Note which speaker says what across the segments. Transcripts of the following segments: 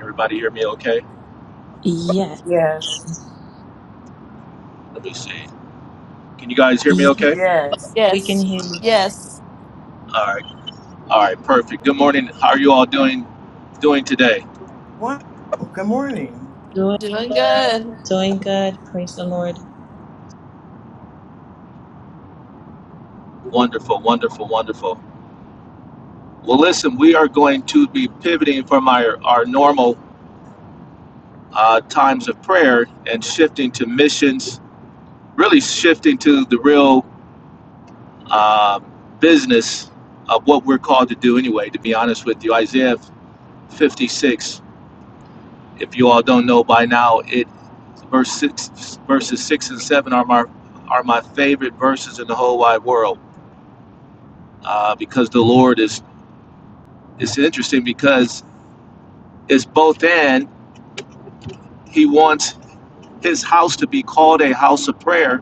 Speaker 1: Everybody hear me okay?
Speaker 2: Yes,
Speaker 3: Yes.
Speaker 1: Let me see. Can you guys hear me
Speaker 2: yes,
Speaker 1: okay?
Speaker 3: Yes.
Speaker 2: we can hear you.
Speaker 1: All right. All right, perfect. Good morning. How are you all doing doing today?
Speaker 3: Wonderful. Good morning.
Speaker 2: Doing, doing good. Praise the Lord.
Speaker 1: Wonderful, wonderful, wonderful. Well, listen, we are going to be pivoting from our our normal uh, times of prayer and shifting to missions, really shifting to the real uh, business of what we're called to do anyway, to be honest with you. Isaiah 56, if you all don't know by now, it. Verse six, verses six and seven are my are my favorite verses in the whole wide world uh, because the Lord is it's interesting because it's both and He wants His house to be called a house of prayer,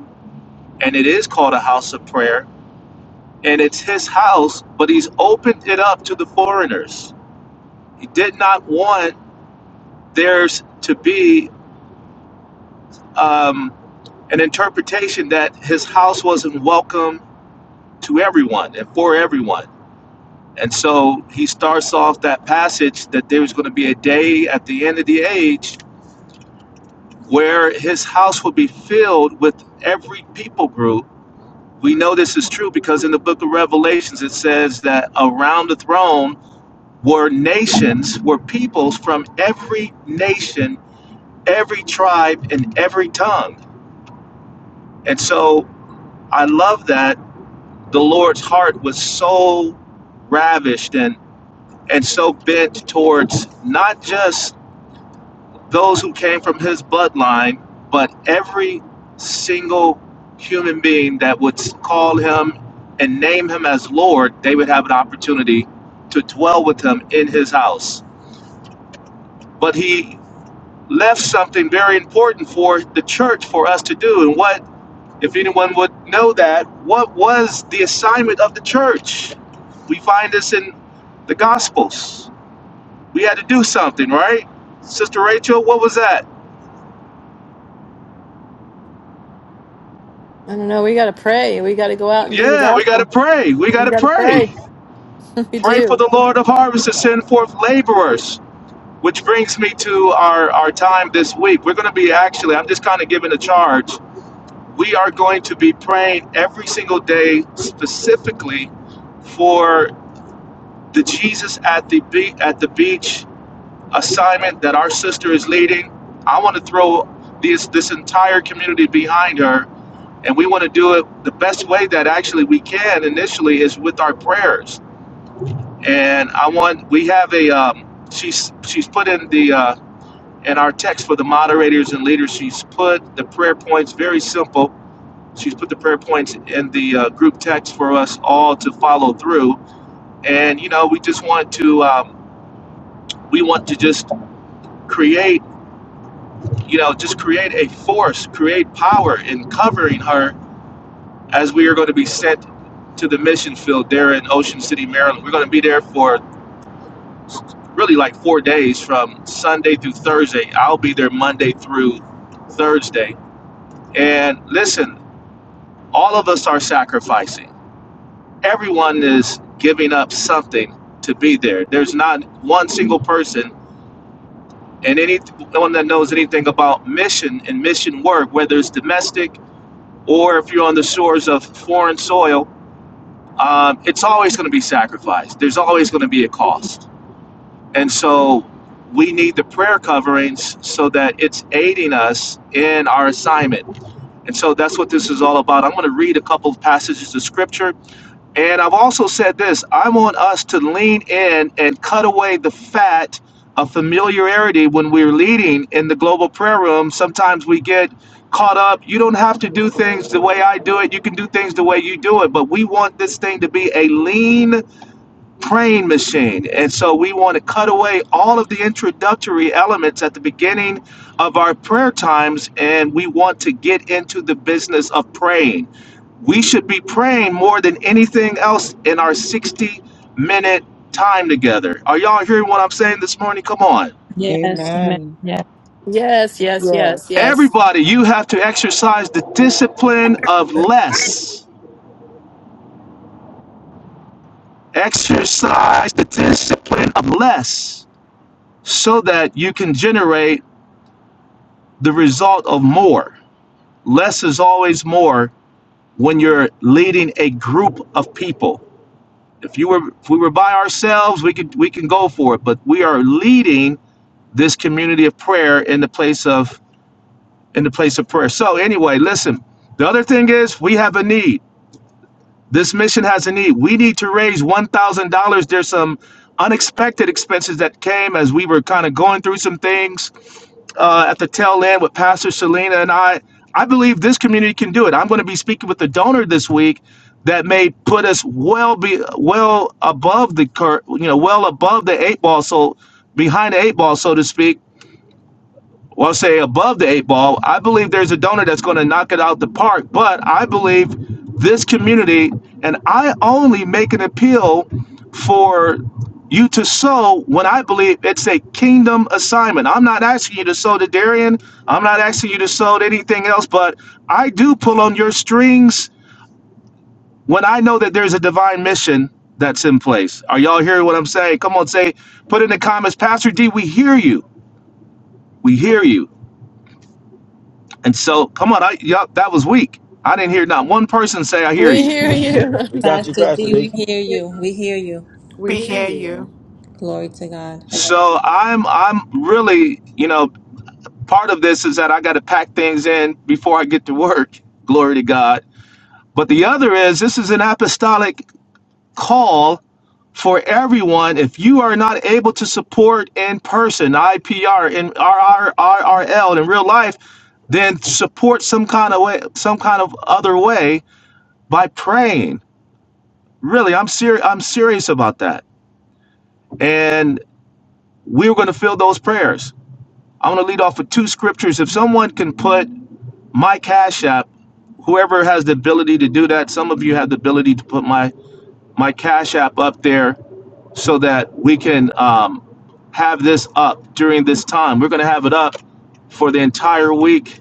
Speaker 1: and it is called a house of prayer, and it's His house, but He's opened it up to the foreigners. He did not want there's to be um, an interpretation that His house wasn't welcome to everyone and for everyone And so he starts off that passage that there was going to be a day at the end of the age where his house will be filled with every people group. We know this is true because in the book of Revelations it says that around the throne were nations, were peoples from every nation, every tribe, and every tongue. And so I love that the Lord's heart was so ravished and and so bent towards not just those who came from his bloodline, but every single human being that would call him and name him as Lord, they would have an opportunity to dwell with him in his house. But he left something very important for the church for us to do. And what, if anyone would know that, what was the assignment of the church? We find this in the Gospels. We had to do something, right? Sister Rachel, what was that? Yeah, we gotta pray. We gotta pray. Pray for the Lord of harvest to send forth laborers. Which brings me to our, our time this week. We're gonna be actually, I'm just kind of giving a charge. We are going to be praying every single day specifically for the Jesus at the be- at the beach assignment that our sister is leading. I want to throw this this entire community behind her, and we want to do it the best way that actually we can initially is with our prayers and I want we have a um, she's she's put in the uh, in our text for the moderators and leaders. She's put the prayer points very simple. She's put the prayer points in the uh, group text for us all to follow through. And you know, we just want to um, we want to just create you know just create a force, create power in covering her as we are going to be sent to the mission field there in Ocean City, Maryland. We're going to be there for really like four days from Sunday through Thursday. I'll be there Monday through Thursday. And listen, all of us are sacrificing. Everyone is giving up something to be there. There's not one single person and anyone that knows anything about mission and mission work, whether it's domestic or if you're on the shores of foreign soil, um, it's always going to be sacrificed. There's always going to be a cost And so we need the prayer coverings so that it's aiding us in our assignment. And so that's what this is all about. I'm going to read a couple of passages of scripture. And I've also said this I want us to lean in and cut away the fat of familiarity when we're leading in the global prayer room. Sometimes we get caught up. You don't have to do things the way I do it. You can do things the way you do it. But we want this thing to be a lean praying machine. And so we want to cut away all of the introductory elements at the beginning of our prayer times and we want to get into the business of praying. We should be praying more than anything else in our 60 minute time together. Are y'all hearing what I'm saying this morning? Come on.
Speaker 2: Yes, amen.
Speaker 4: Amen.
Speaker 2: Yes.
Speaker 3: Yes.
Speaker 1: Everybody, you have to exercise the discipline of less. Exercise the discipline of less so that you can generate the result of more. Less is always more when you're leading a group of people. If you were if we were by ourselves, we could we can go for it, but we are leading this community of prayer in the place of in the place of prayer. So anyway, listen. The other thing is we have a need. This mission has a need. We need to raise $1,000. There's some unexpected expenses that came as we were kind of going through some things uh, at the tail end with Pastor Selena and I. I believe this community can do it. I'm going to be speaking with the donor this week that may put us well be well above the cur- you know well above the eight ball, so behind the eight ball, so to speak, well, say above the eight ball. I believe there's a donor that's going to knock it out the park, but I believe this community, and I only make an appeal for you to sow when I believe it's a kingdom assignment. I'm not asking you to sow to Darian. I'm not asking you to sow to anything else, but I do pull on your strings when I know that there's a divine mission that's in place. Are y'all hearing what I'm saying? Come on, say, put in the comments, Pastor D, we hear you. We hear you. And so, come on, I y'all, that was weak. I didn't hear not one person say I hear you.
Speaker 5: We got you,
Speaker 2: Pastor
Speaker 5: Pastor
Speaker 2: D, we
Speaker 5: D.
Speaker 2: hear you. We hear you.
Speaker 3: We
Speaker 6: We
Speaker 3: hear
Speaker 6: hear
Speaker 3: you.
Speaker 6: you.
Speaker 2: Glory to God.
Speaker 1: So I'm I'm really, you know, part of this is that I got to pack things in before I get to work. Glory to God. But the other is this is an apostolic call for everyone. If you are not able to support in person, IPR and RRRRL in real life, then support some kind of way, some kind of other way by praying. Really, I'm serious. I'm serious about that and we were going to fill those prayers. I want to lead off with two scriptures. If someone can put my cash app, whoever has the ability to do that, some of you have the ability to put my my cash app up there so that we can um, have this up during this time. We're going to have it up for the entire week.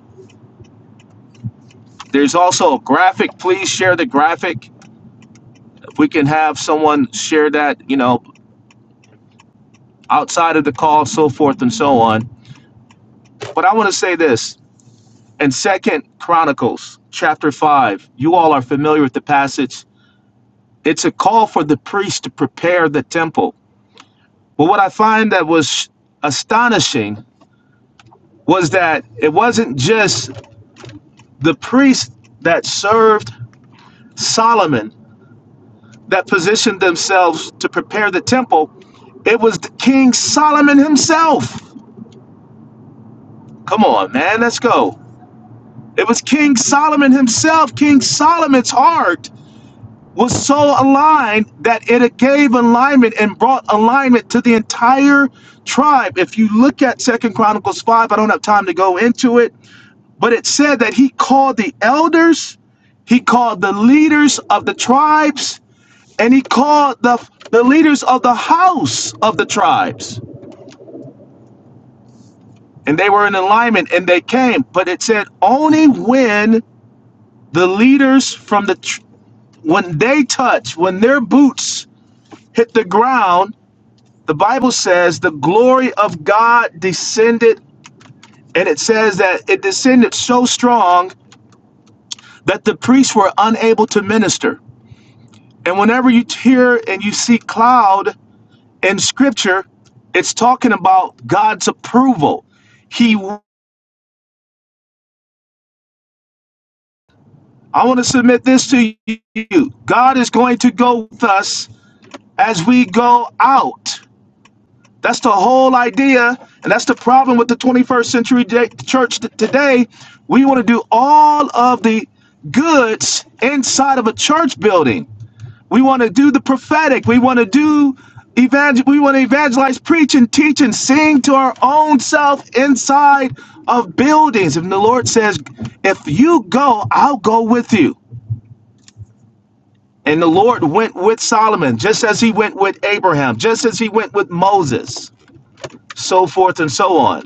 Speaker 1: There's also a graphic. Please share the graphic. If we can have someone share that, you know, outside of the call, so forth and so on. But I want to say this And second Chronicles chapter 5. You all are familiar with the passage. It's a call for the priest to prepare the temple. But what I find that was astonishing was that it wasn't just the priests that served Solomon that positioned themselves to prepare the temple. It was King Solomon himself. Come on, man, let's go. It was King Solomon himself, King Solomon's heart was so aligned that it gave alignment and brought alignment to the entire tribe. If you look at Second Chronicles 5, I don't have time to go into it, but it said that he called the elders, he called the leaders of the tribes, and he called the the leaders of the house of the tribes. And they were in alignment and they came, but it said only when the leaders from the tr- when they touch, when their boots hit the ground, The Bible says the glory of God descended, and it says that it descended so strong that the priests were unable to minister. And whenever you hear and you see cloud in scripture, it's talking about God's approval. He, I want to submit this to you God is going to go with us as we go out. That's the whole idea, and that's the problem with the 21st century church today. We want to do all of the goods inside of a church building. We want to do the prophetic. We want to do evangel. We want to evangelize, preach, and teach, and sing to our own self inside of buildings. And the Lord says, "If you go, I'll go with you." And the Lord went with Solomon, just as he went with Abraham, just as he went with Moses, so forth and so on.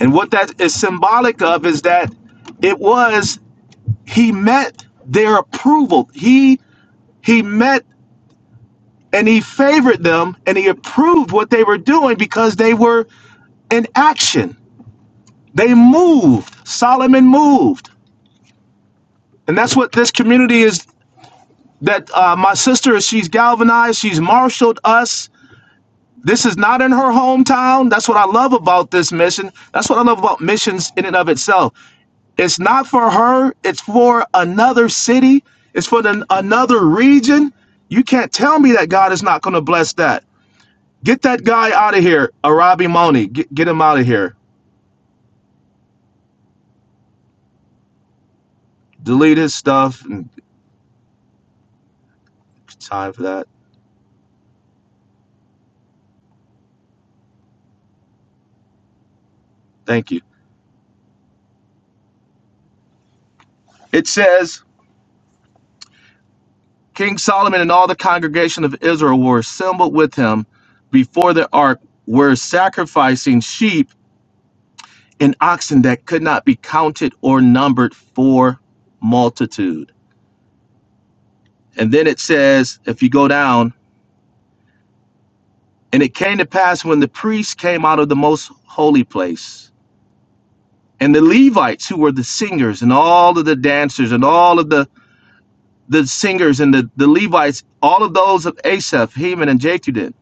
Speaker 1: And what that is symbolic of is that it was he met their approval. He he met and he favored them and he approved what they were doing because they were in action. They moved. Solomon moved. And that's what this community is that uh, my sister she's galvanized, she's marshaled us. This is not in her hometown. That's what I love about this mission. That's what I love about missions in and of itself. It's not for her. It's for another city. It's for the, another region. You can't tell me that God is not going to bless that. Get that guy out of here, Arabi Moni. Get, get him out of here. Delete his stuff. And time for that. Thank you. It says King Solomon and all the congregation of Israel were assembled with him before the ark, were sacrificing sheep and oxen that could not be counted or numbered for multitude. And then it says, if you go down, and it came to pass when the priests came out of the most holy place, and the Levites, who were the singers, and all of the dancers, and all of the, the singers, and the, the Levites, all of those of Asaph, Heman, and Jeduthun,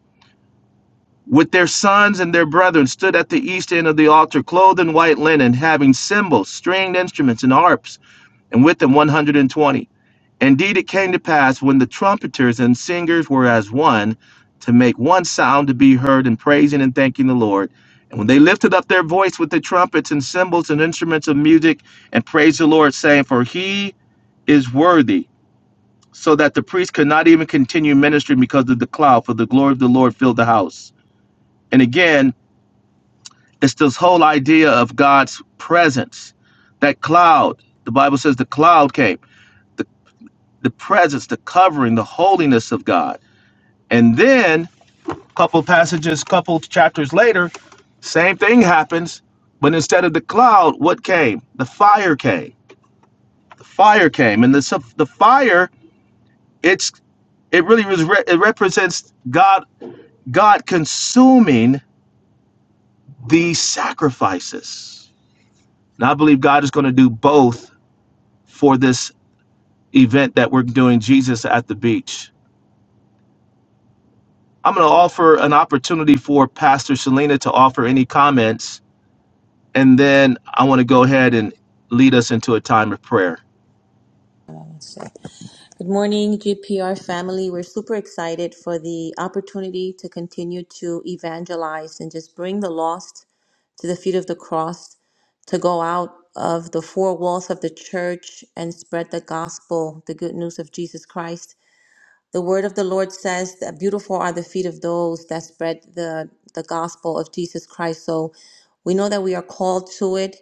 Speaker 1: with their sons and their brethren, stood at the east end of the altar, clothed in white linen, having cymbals, stringed instruments, and harps, and with them 120. Indeed, it came to pass when the trumpeters and singers were as one to make one sound to be heard in praising and thanking the Lord. And when they lifted up their voice with the trumpets and cymbals and instruments of music and praised the Lord, saying, For he is worthy, so that the priest could not even continue ministering because of the cloud, for the glory of the Lord filled the house. And again, it's this whole idea of God's presence. That cloud, the Bible says the cloud came, the, the presence, the covering, the holiness of God And then, a couple passages, couple chapters later, same thing happens. But instead of the cloud, what came? The fire came. The fire came, and the the fire. It's it really was re- it represents God God consuming the sacrifices. And I believe God is going to do both for this event that we're doing. Jesus at the beach. I'm going to offer an opportunity for Pastor Selena to offer any comments And then I want to go ahead and lead us into a time of prayer.
Speaker 2: Good morning, GPR family. We're super excited for the opportunity to continue to evangelize and just bring the lost to the feet of the cross, to go out of the four walls of the church and spread the gospel, the good news of Jesus Christ. The word of the Lord says that beautiful are the feet of those that spread the, the gospel of Jesus Christ. So we know that we are called to it.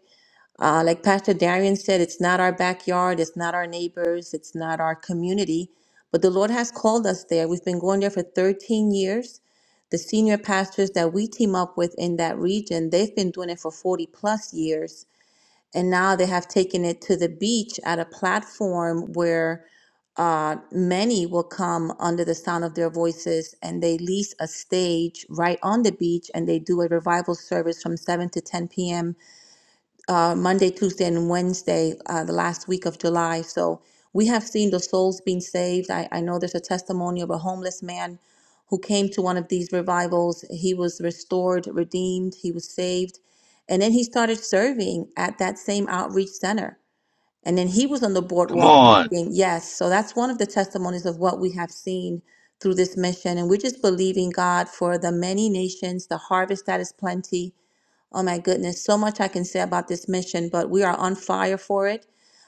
Speaker 2: Uh, like Pastor Darian said, it's not our backyard, it's not our neighbors, it's not our community, but the Lord has called us there. We've been going there for 13 years. The senior pastors that we team up with in that region, they've been doing it for 40 plus years. And now they have taken it to the beach at a platform where uh, many will come under the sound of their voices and they lease a stage right on the beach and they do a revival service from 7 to 10 p.m. Uh, Monday, Tuesday, and Wednesday, uh, the last week of July. So we have seen the souls being saved. I, I know there's a testimony of a homeless man who came to one of these revivals. He was restored, redeemed, he was saved. And then he started serving at that same outreach center. And then he was on the
Speaker 1: Come
Speaker 2: boardwalk
Speaker 1: on.
Speaker 2: reading. Yes. So that's one of the testimonies of what we have seen through this mission. And we're just believing God for the many nations, the harvest that is plenty. Oh my goodness, so much I can say about this mission, but we are on fire for it.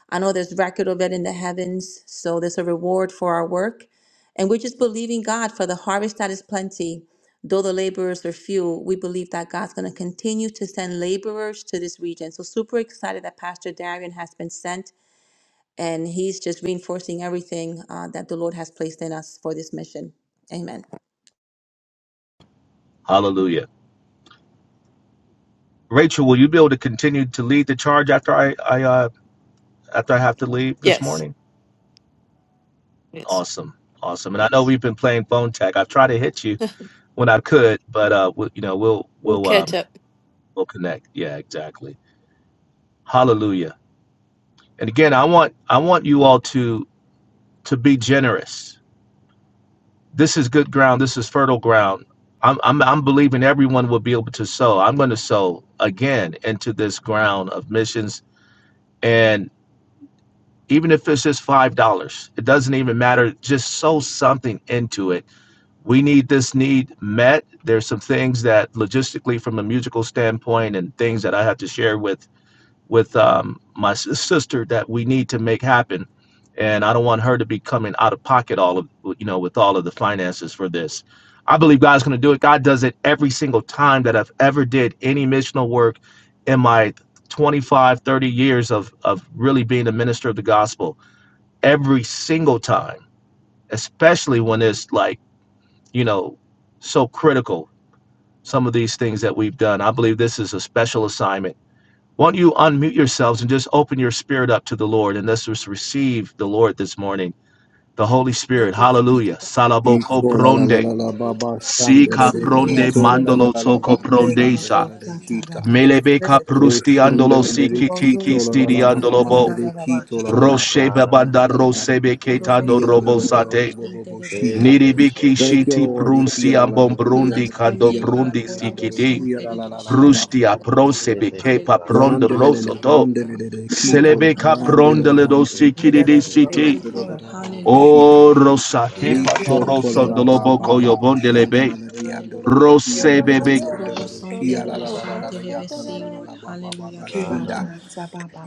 Speaker 2: I know there's record of it in the heavens, so there's a reward for our work. And we're just believing God for the harvest that is plenty. Though the laborers are few, we believe that God's going to continue to send laborers to this region. So, super excited that Pastor Darian has been sent and He's just reinforcing everything uh, that the Lord has placed in us for this mission. Amen.
Speaker 1: Hallelujah. Rachel, will you be able to continue to lead the charge after I, I uh, after I have to leave this morning? Awesome. Awesome. And I know we've been playing phone tag. I've tried to hit you when I could, but uh we, you know, we'll we'll um we'll connect. Yeah, exactly. Hallelujah. And again, I want I want you all to to be generous this is good ground. This is fertile ground. I'm, I'm, I'm believing everyone will be able to sow. I'm going to sow again into this ground of missions. And even if it's just $5, it doesn't even matter. Just sow something into it. We need this need met. There's some things that logistically, from a musical standpoint, and things that I have to share with with um, my s- sister that we need to make happen and i don't want her to be coming out of pocket all of you know with all of the finances for this i believe god's going to do it god does it every single time that i've ever did any missional work in my 25 30 years of of really being a minister of the gospel every single time especially when it's like you know so critical some of these things that we've done i believe this is a special assignment won't you unmute yourselves and just open your spirit up to the Lord and let's just receive the Lord this morning, the Holy Spirit.
Speaker 2: Thank you, Jesus.
Speaker 1: Hallelujah. Salaboko
Speaker 7: Iko la la la
Speaker 1: pronde,
Speaker 7: la la
Speaker 2: We
Speaker 7: baba
Speaker 2: bless
Speaker 7: shandele
Speaker 1: sika
Speaker 7: de
Speaker 3: Receive your Holy
Speaker 1: pronde,
Speaker 7: kito
Speaker 2: you.
Speaker 7: la
Speaker 3: Spirit.
Speaker 7: la la
Speaker 1: mandolo
Speaker 7: la la
Speaker 1: soko
Speaker 7: baba
Speaker 2: Hallelujah.
Speaker 3: We
Speaker 2: We
Speaker 7: shandele
Speaker 1: prondesa,
Speaker 7: la de
Speaker 2: bless you.
Speaker 7: kita.
Speaker 1: melebeka
Speaker 7: O
Speaker 1: prusti andolo
Speaker 7: shandele
Speaker 2: Robo
Speaker 7: le de
Speaker 1: siki
Speaker 3: go
Speaker 1: tiki
Speaker 3: to
Speaker 2: Santara.
Speaker 7: kito la la
Speaker 1: stidi
Speaker 7: la la
Speaker 1: andolo bo,
Speaker 7: mamande de
Speaker 2: Say,
Speaker 7: kito
Speaker 2: Lord.
Speaker 7: la la la la
Speaker 1: roshe
Speaker 5: Ra baby, na na
Speaker 7: shandele
Speaker 1: babada
Speaker 7: la
Speaker 5: na
Speaker 7: la
Speaker 5: na.
Speaker 1: rose
Speaker 7: la la
Speaker 5: Si
Speaker 7: de
Speaker 2: Robo
Speaker 1: beketano
Speaker 7: shia la la
Speaker 1: robo
Speaker 7: la
Speaker 2: Santara.
Speaker 7: la bo
Speaker 1: sate,
Speaker 7: bo bo
Speaker 2: Shinte
Speaker 7: bo
Speaker 2: de Besi.
Speaker 7: shita.
Speaker 5: she
Speaker 1: niribiki
Speaker 2: Hallelujah.
Speaker 7: Thank
Speaker 5: take
Speaker 7: you,
Speaker 5: it,
Speaker 1: shiti
Speaker 5: de ba
Speaker 7: Lord. Iki
Speaker 1: prunsi
Speaker 7: la la la
Speaker 1: ambon
Speaker 7: la ria
Speaker 1: brundi
Speaker 2: Bless
Speaker 7: la do
Speaker 2: your
Speaker 1: kando
Speaker 2: name,
Speaker 7: kia la la
Speaker 2: God.
Speaker 7: do
Speaker 1: prundi
Speaker 7: ria la
Speaker 2: Robo
Speaker 7: do
Speaker 1: sikiti,
Speaker 5: si
Speaker 2: Santara.
Speaker 7: kia
Speaker 2: Shinte
Speaker 7: la
Speaker 2: de
Speaker 7: la la la la la
Speaker 1: prustia
Speaker 7: bo bo
Speaker 2: Besi.
Speaker 7: bo
Speaker 1: prose
Speaker 7: bo.
Speaker 5: She take it, de
Speaker 1: bekepa
Speaker 5: ba
Speaker 2: Hallelujah.
Speaker 5: sa
Speaker 1: prondo
Speaker 7: Rondele le le
Speaker 1: rosoto,
Speaker 7: rondele le de
Speaker 2: Kula.
Speaker 7: kito la la
Speaker 1: Selebeka
Speaker 7: la rondele
Speaker 1: prondele
Speaker 7: la
Speaker 1: do
Speaker 7: la la
Speaker 5: she
Speaker 2: Shinte
Speaker 7: ria
Speaker 1: sikiri
Speaker 2: de
Speaker 7: la
Speaker 1: di
Speaker 5: take it,
Speaker 7: do
Speaker 5: de
Speaker 7: ria
Speaker 1: siti.
Speaker 2: Besi.
Speaker 7: la do la
Speaker 2: Lord,
Speaker 7: la bo bo bo
Speaker 2: hallelujah.
Speaker 7: shita.
Speaker 1: O rosake
Speaker 5: rana, baby, na
Speaker 7: Lisho
Speaker 1: patoro
Speaker 2: Irabasonte
Speaker 7: kolara ba ba
Speaker 2: rebeshente
Speaker 5: Si.
Speaker 7: ba ba
Speaker 2: rebese.
Speaker 7: shanda
Speaker 1: yobondelebe.
Speaker 7: la la di ando lo
Speaker 2: Hallelujah.
Speaker 7: kia la la la
Speaker 1: Rosebebe.
Speaker 7: di ando
Speaker 5: she
Speaker 7: lo lo
Speaker 5: take
Speaker 2: Urobosonte
Speaker 7: kia
Speaker 5: it, de
Speaker 7: la la
Speaker 5: rana, baby,
Speaker 7: la la la la
Speaker 2: rebeshente
Speaker 7: yata la la
Speaker 2: rebese,
Speaker 7: la
Speaker 2: Lord.
Speaker 7: la ba ba ba
Speaker 2: Hallelujah.
Speaker 7: ba
Speaker 2: Glory.
Speaker 7: shinda
Speaker 3: Kibata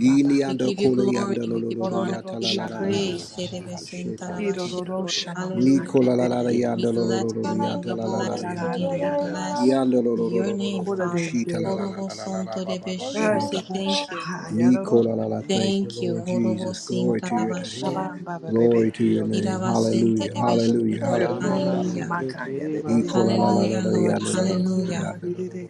Speaker 7: ini
Speaker 2: We
Speaker 7: ando
Speaker 2: give you
Speaker 7: kola
Speaker 2: glory.
Speaker 7: yando lo
Speaker 2: We
Speaker 7: lo
Speaker 2: give
Speaker 7: lo
Speaker 2: you honor.
Speaker 7: yata
Speaker 2: We give
Speaker 7: la
Speaker 2: you
Speaker 7: la la la la la
Speaker 2: praise.
Speaker 7: ba
Speaker 5: she
Speaker 7: ba ba
Speaker 5: take it, de
Speaker 2: Herebesenta
Speaker 7: shete
Speaker 5: ba
Speaker 7: de
Speaker 2: rabashe,
Speaker 7: kita
Speaker 2: Lord. Hallelujah.
Speaker 7: Nikola la
Speaker 5: We
Speaker 7: la la
Speaker 5: give you
Speaker 2: We
Speaker 7: yando lo lo
Speaker 2: bless
Speaker 5: glory.
Speaker 7: lo lo
Speaker 2: your name.
Speaker 7: yata
Speaker 2: We
Speaker 7: la la la
Speaker 2: bless
Speaker 7: la
Speaker 2: your
Speaker 7: yata
Speaker 2: name.
Speaker 7: la
Speaker 2: We
Speaker 7: la la la
Speaker 5: Yes, we
Speaker 2: bless
Speaker 5: give
Speaker 7: yando lo lo
Speaker 5: you
Speaker 7: lo
Speaker 2: your
Speaker 7: lo lo
Speaker 2: name,
Speaker 7: lo bo
Speaker 3: Kora
Speaker 7: bo
Speaker 2: Father.
Speaker 7: shita la la
Speaker 5: glory.
Speaker 7: la la la la la
Speaker 2: Horobosonto
Speaker 7: ba ba ba
Speaker 2: rebeshe. We
Speaker 3: Ay,
Speaker 2: say
Speaker 7: shanda
Speaker 3: abu
Speaker 2: thank you.
Speaker 5: Glory.
Speaker 3: shaka yararo.
Speaker 7: Nikola la la thank you
Speaker 2: Thank you.
Speaker 7: Lord Jesus glory
Speaker 2: Horobosinta
Speaker 7: to your name
Speaker 5: baby, baby,
Speaker 2: rabashe.
Speaker 3: bebe
Speaker 5: she
Speaker 7: Glory to your
Speaker 3: kiyo
Speaker 5: take it.
Speaker 7: name.
Speaker 3: tora.
Speaker 2: Irabasente
Speaker 7: Hallelujah.
Speaker 2: rebeshe,
Speaker 7: Hallelujah.
Speaker 2: Lord.
Speaker 3: Eroro
Speaker 7: Hallelujah.
Speaker 3: baba
Speaker 2: Hallelujah.
Speaker 7: Hallelujah.
Speaker 5: Ramanasite
Speaker 3: maka
Speaker 5: kiribas,
Speaker 3: yarere.
Speaker 2: Hallelujah, Lord.
Speaker 3: Sabam
Speaker 2: Hallelujah.
Speaker 3: mama yarere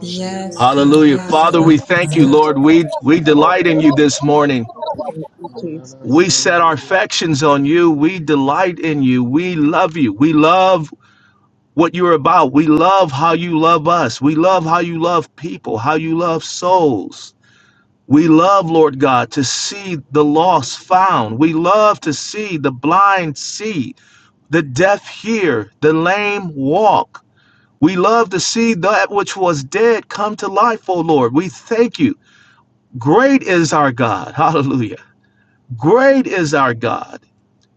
Speaker 2: Yes, God.
Speaker 1: Hallelujah.
Speaker 2: Yes,
Speaker 1: Father, we
Speaker 2: God.
Speaker 1: thank
Speaker 2: Yes,
Speaker 1: you,
Speaker 2: God.
Speaker 1: Lord. We we delight in you this morning.
Speaker 4: Thank you,
Speaker 1: We
Speaker 4: Jesus.
Speaker 1: set our affections on you. We delight in you. We love you. We love what you're about. We love how you love us. We love how you love people, how you love souls. We love, Lord God, to see the lost found. We love to see the blind see, the deaf hear, the lame walk. We love to see that which was dead come to life, O Lord. We thank you. Great is our God. Hallelujah. Great is our God.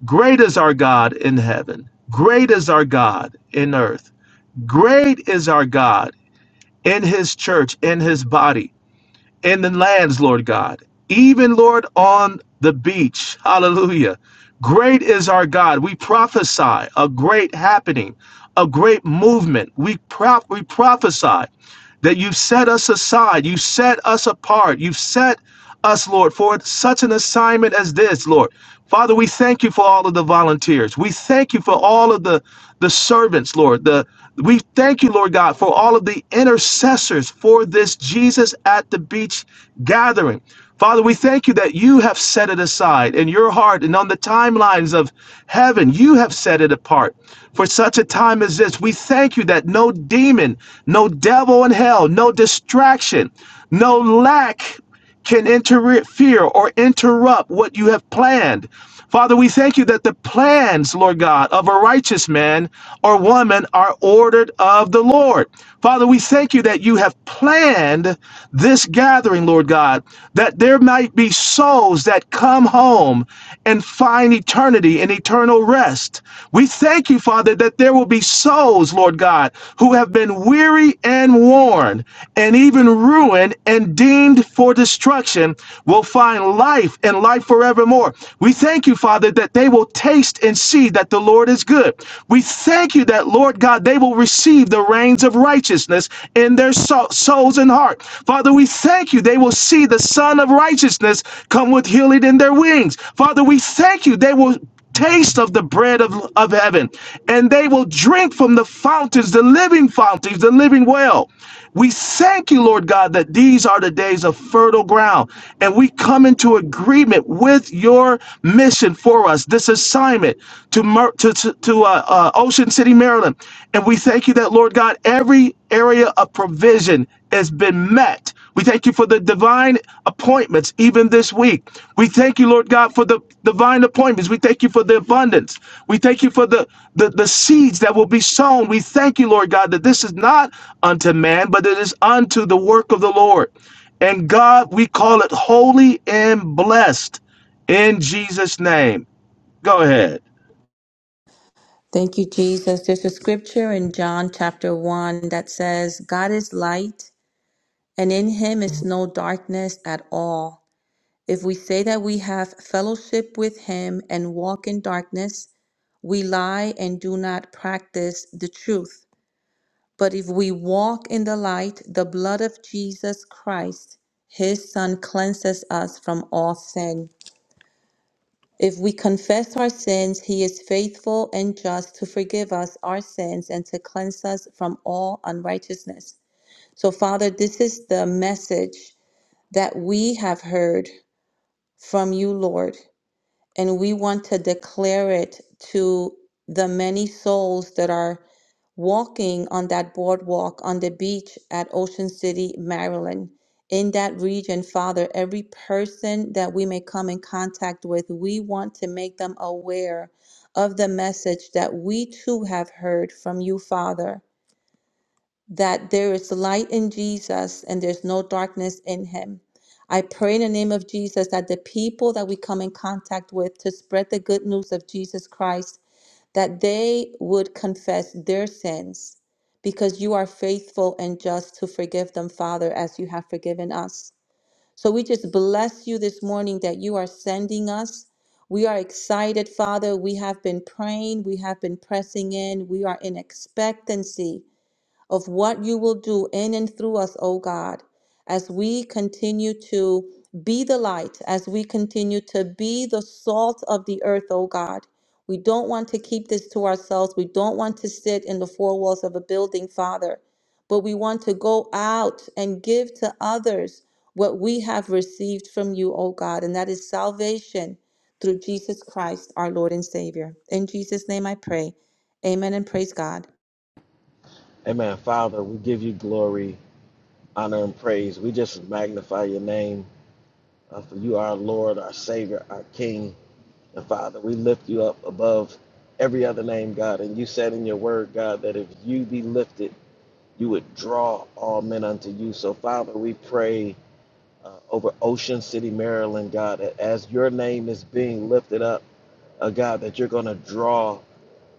Speaker 1: Great is our God in heaven. Great is our God in earth. Great is our God in his church, in his body. in the lands, Lord God, even, Lord, on the beach. Hallelujah. Great is our God. We prophesy a great happening, a great movement. We, prop we prophesy that you've set us aside, you've set us apart, you've set us, Lord, for such an assignment as this, Lord. Father, we thank you for all of the volunteers. We thank you for all of the, the servants, Lord. The we thank you, Lord God, for all of the intercessors for this Jesus at the beach gathering. Father, we thank you that you have set it aside in your heart and on the timelines of heaven. You have set it apart for such a time as this. We thank you that no demon, no devil in hell, no distraction, no lack can interfere or interrupt what you have planned. Father, we thank you that the plans, Lord God, of a righteous man or woman are ordered of the Lord. Father, we thank you that you have planned this gathering, Lord God, that there might be souls that come home and find eternity and eternal rest. We thank you, Father, that there will be souls, Lord God, who have been weary and worn and even ruined and deemed for destruction will find life and life forevermore. We thank you, Father, that they will taste and see that the Lord is good. We thank you that, Lord God, they will receive the reins of righteousness in their so- souls and heart. Father, we thank you. They will see the Son of Righteousness come with healing in their wings. Father, we thank you. They will taste of the bread of, of heaven and they will drink from the fountains, the living fountains, the living well. We thank you, Lord God, that these are the days of fertile ground and we come into agreement with your mission for us, this assignment to, to, to, to uh, uh, Ocean City, Maryland. And we thank you that, Lord God, every area of provision has been met we thank you for the divine appointments even this week. We thank you, Lord God, for the divine appointments. We thank you for the abundance. We thank you for the, the, the seeds that will be sown. We thank you, Lord God, that this is not unto man, but it is unto the work of the Lord. And God, we call it holy and blessed in Jesus' name. Go ahead.
Speaker 2: Thank you, Jesus. There's a scripture in John chapter 1 that says, God is light, and in him is no darkness at all. If we say that we have fellowship with him and walk in darkness, we lie and do not practice the truth. But if we walk in the light, the blood of Jesus Christ, his son, cleanses us from all sin. If we confess our sins, he is faithful and just to forgive us our sins and to cleanse us from all unrighteousness. So, Father, this is the message that we have heard from you, Lord, and we want to declare it to the many souls that are walking on that boardwalk on the beach at Ocean City, Maryland. In that region, Father, every person that we may come in contact with, we want to make them aware of the message that we too have heard from you, Father, that there is light in Jesus and there's no darkness in him. I pray in the name of Jesus that the people that we come in contact with to spread the good news of Jesus Christ that they would confess their sins because you are faithful and just to forgive them, Father, as you have forgiven us. So we just bless you this morning that you are sending us. We are excited, Father. We have been praying, we have been pressing in, we are in expectancy of what you will do in and through us, O God, as we continue to be the light, as we continue to be the salt of the earth, O God. We don't want to keep this to ourselves. We don't want to sit in the four walls of a building, Father, but we want to go out and give to others what we have received from you, O God, and that is salvation through Jesus Christ, our Lord and Savior. In Jesus' name I pray. Amen and praise God.
Speaker 5: Amen. Father, we give you glory, honor, and praise. We just magnify your name, uh, for you are our Lord, our Savior, our King. And Father, we lift you up above every other name, God. And you said in your word, God, that if you be lifted, you would draw all men unto you. So, Father, we pray uh, over Ocean City, Maryland, God, that as your name is being lifted up, a God that you're going to draw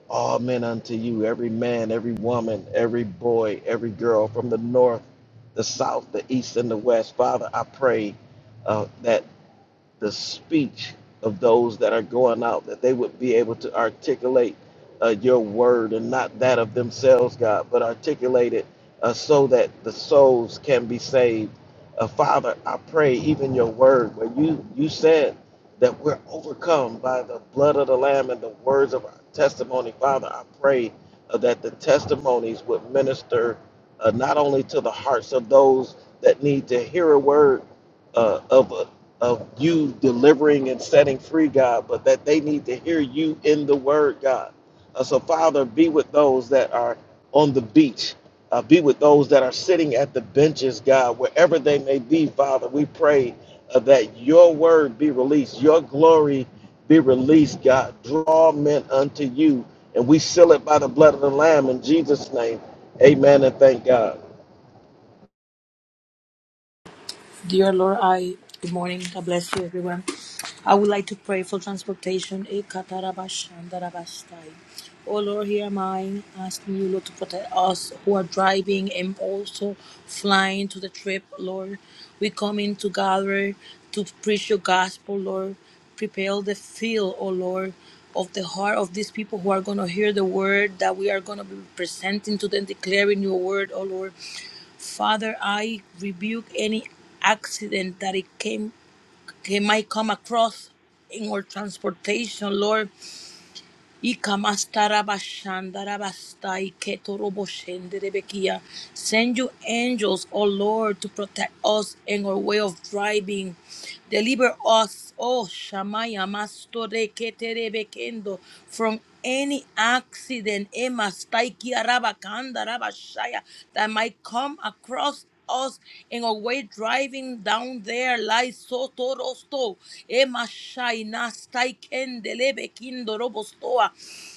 Speaker 5: all men unto you, every man, every woman, every boy, every girl from the north, the south, the east, and the west. Father, I pray uh, that the speech of those that are going out, that they would be able to articulate uh, your word and not that of themselves, God, but articulate it uh, so that the souls can be saved. Uh, Father, I pray even your word, where you, you said that we're overcome by the blood of the Lamb and the words of our testimony. Father, I pray uh, that the testimonies would minister uh, not only to the hearts of those that need to hear a word, uh, of uh, of you delivering and setting free, God, but that they need to hear you in the word, God. Uh, so, Father, be with those that are on the beach. Uh, be with those that are sitting at the benches, God, wherever they may be, Father. We pray uh, that your word be released, your glory be released, God. Draw men unto you, and we seal it by the blood of the Lamb in Jesus' name. Amen and thank God.
Speaker 8: Dear Lord, I good morning. God bless you, everyone. I would like to pray for transportation. Ekatarabashandarabastai. Oh Lord, here am I asking you, Lord, to protect us who are driving and also flying to the trip, Lord. We come in to gather to preach your gospel, Lord prepare the field, O Lord, of the heart of these people who are going to hear the word that we are going to be presenting to them, declaring your word, O Lord. Father, I rebuke any accident that it came, it might come across in our transportation, Lord. Ikamastarabashandarabastai Send you angels, O Lord, to protect us in our way of driving. Deliver us, O Shamaya Mastore Keterebekendo, from any accident Emastai Rabashaya, that might come across us in our way driving down there like sotorosto emashai nastai kendelebe kindorobostoa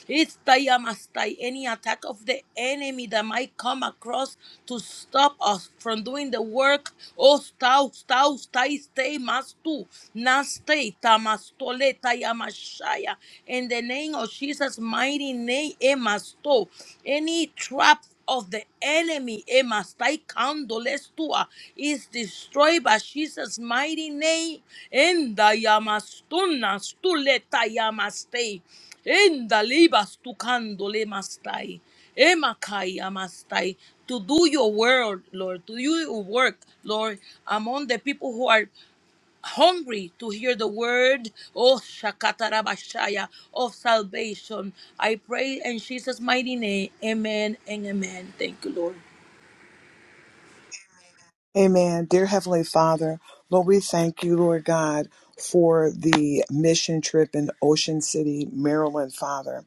Speaker 8: istayamastai any attack of the enemy that might come across to stop us from doing the work oh stau stau stai stay mastu nastai tamastole tayamashaya in the name of Jesus mighty name emasto any trap of the enemy Emma, Staikandolestua, is destroyed by Jesus' mighty name. In the Yamastuna Stuleta Yamaste. In the Libas Tukandole Mastai. Emakai Yamastai. To do your word, Lord, to do your work, Lord, among the people who are hungry to hear the word oh shakatarabashaya of salvation i pray in jesus mighty name amen and amen thank you lord
Speaker 3: Amen. Dear Heavenly Father, Lord, we thank you, Lord God, for the mission trip in Ocean City, Maryland, Father.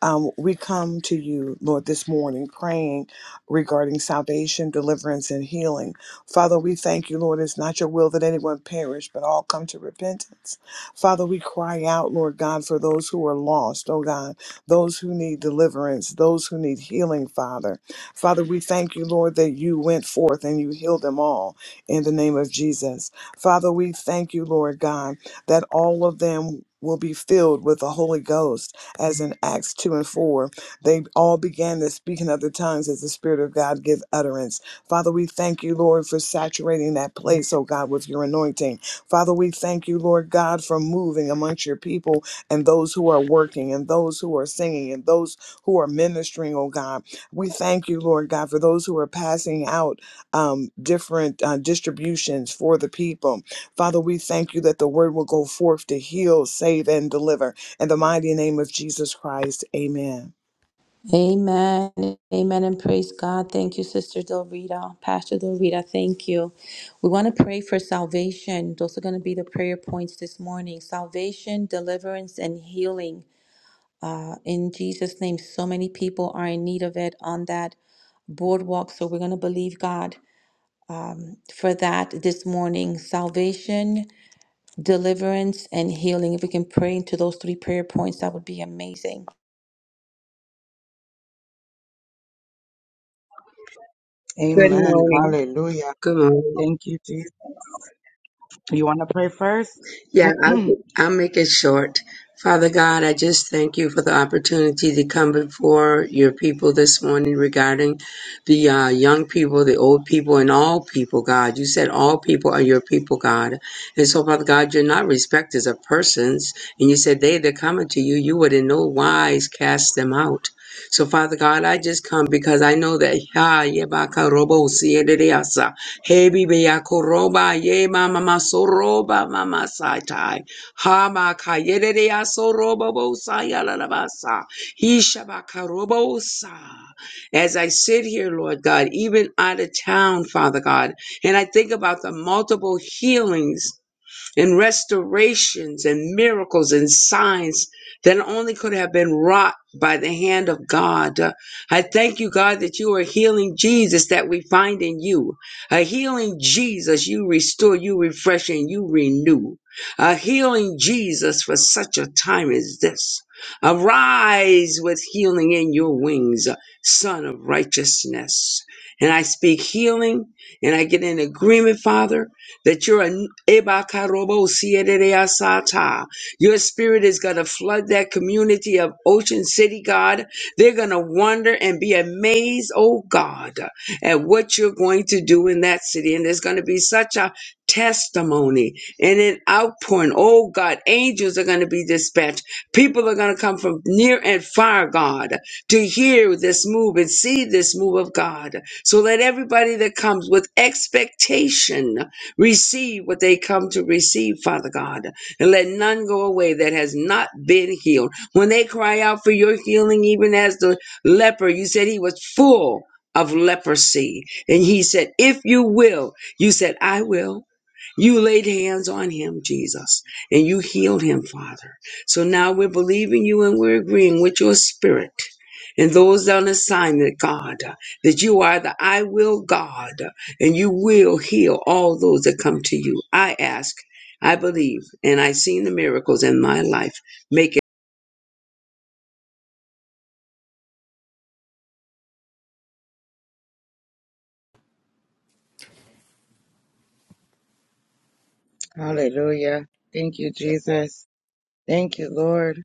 Speaker 3: Um, we come to you, Lord, this morning praying regarding salvation, deliverance, and healing. Father, we thank you, Lord. It's not your will that anyone perish, but all come to repentance. Father, we cry out, Lord God, for those who are lost, oh God, those who need deliverance, those who need healing, Father. Father, we thank you, Lord, that you went forth and you healed them all in the name of Jesus. Father, we thank you, Lord God, that all of them will be filled with the Holy Ghost as in Acts 2 and 4. They all began the speaking of the tongues as the Spirit of God give utterance. Father, we thank you, Lord, for saturating that place, oh God, with your anointing. Father, we thank you, Lord God, for moving amongst your people and those who are working and those who are singing and those who are ministering, oh God. We thank you, Lord God, for those who are passing out um, different uh, distributions for the people. Father, we thank you that the word will go forth to heal, save, and deliver. In the mighty name of Jesus Christ, amen.
Speaker 2: Amen. Amen. And praise God. Thank you, Sister Del Rita. Pastor Del Rita, thank you. We want to pray for salvation. Those are going to be the prayer points this morning salvation, deliverance, and healing. Uh, in Jesus' name, so many people are in need of it on that boardwalk. So we're going to believe God for that this morning salvation, deliverance, and healing. If we can pray into those three prayer points, that would be amazing.
Speaker 9: Good
Speaker 4: Amen.
Speaker 9: morning.
Speaker 4: Hallelujah.
Speaker 9: Good morning.
Speaker 4: Thank you, Jesus. You want to pray first?
Speaker 9: Yeah, I'll, I'll make it short. Father God, I just thank you for the opportunity to come before your people this morning regarding the uh, young people, the old people, and all people, God. You said all people are your people, God. And so, Father God, you're not respecters of persons. And you said they that come unto you, you would in no wise cast them out. So, Father God, I just come because I know that. Hebi beyakoroba ye mama masoroba mama saitai. Hama kayedede asoroba bosa yalalabasa. Hishabakaroba osa. As I sit here, Lord God, even out of town, Father God, and I think about the multiple healings and restorations and miracles and signs that only could have been wrought by the hand of God. Uh, I thank you, God, that you are healing Jesus that we find in you. A healing Jesus, you restore, you refresh, and you renew. A healing Jesus for such a time as this. Arise with healing in your wings, Son of righteousness. And I speak healing and I get in agreement, Father that you're an Ebakarobo Sierereasata. Your spirit is going to flood that community of Ocean City, God. They're going to wonder and be amazed, oh God, at what you're going to do in that city. And there's going to be such a testimony and an outpouring. Oh God, angels are going to be dispatched. People are going to come from near and far, God, to hear this move and see this move of God. So let everybody that comes with expectation Receive what they come to receive, Father God, and let none go away that has not been healed. When they cry out for your healing, even as the leper, you said he was full of leprosy. And he said, If you will, you said, I will. You laid hands on him, Jesus, and you healed him, Father. So now we're believing you and we're agreeing with your spirit and those on assignment, God, that you are the I will God and you will heal all those that come to you. I ask, I believe, and I've seen the miracles in my life. Make it
Speaker 4: Hallelujah. Thank you, Jesus. Thank you, Lord.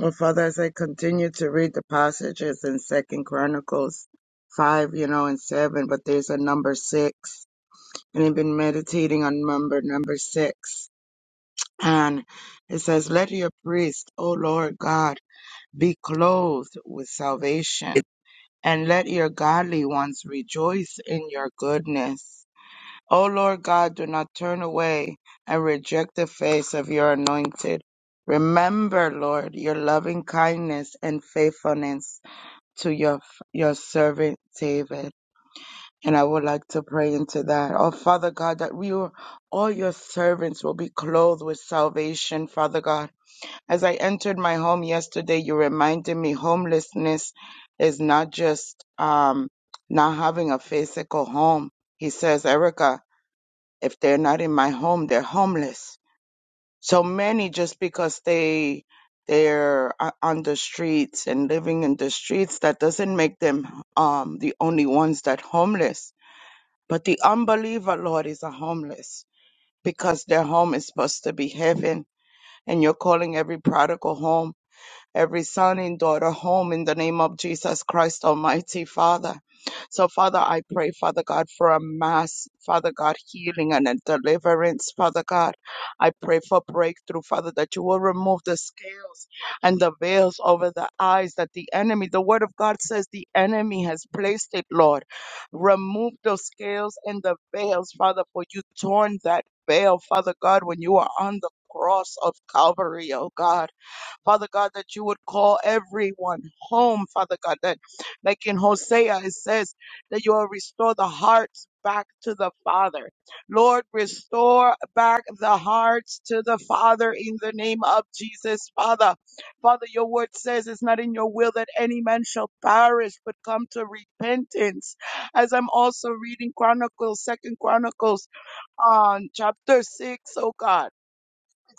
Speaker 4: Oh, Father, as I continue to read the passages in Second Chronicles five, you know, and seven, but there's a number six, and I've been meditating on number number six, and it says, "Let your priest, O Lord God, be clothed with salvation." and let your godly ones rejoice in your goodness. O Lord God, do not turn away and reject the face of your anointed. Remember, Lord, your loving kindness and faithfulness to your, your servant David. And I would like to pray into that. Oh, Father God, that we, will- all your servants will be clothed with salvation, Father God as I entered my home yesterday, you reminded me homelessness is not just um, not having a physical home. He says, Erica, if they're not in my home, they're homeless. So many just because they they're o- on the streets and living in the streets, that doesn't make them um, the only ones that homeless. But the unbeliever, Lord, is a homeless because their home is supposed to be heaven, and you're calling every prodigal home every son and daughter home in the name of Jesus Christ, Almighty Father. So, Father, I pray, Father God, for a mass, Father God, healing and a deliverance, Father God. I pray for breakthrough, Father, that you will remove the scales and the veils over the eyes that the enemy, the word of God says the enemy has placed it, Lord. Remove those scales and the veils, Father, for you torn that veil, Father God, when you are on the cross of Calvary, oh God. Father God, that you would call everyone home, Father God, that like in Hosea, it says that you will restore the hearts back to the Father. Lord, restore back the hearts to the Father in the name of Jesus, Father. Father, your word says it's not in your will that any man shall perish, but come to repentance. As I'm also reading Chronicles, Second Chronicles, on chapter six, oh God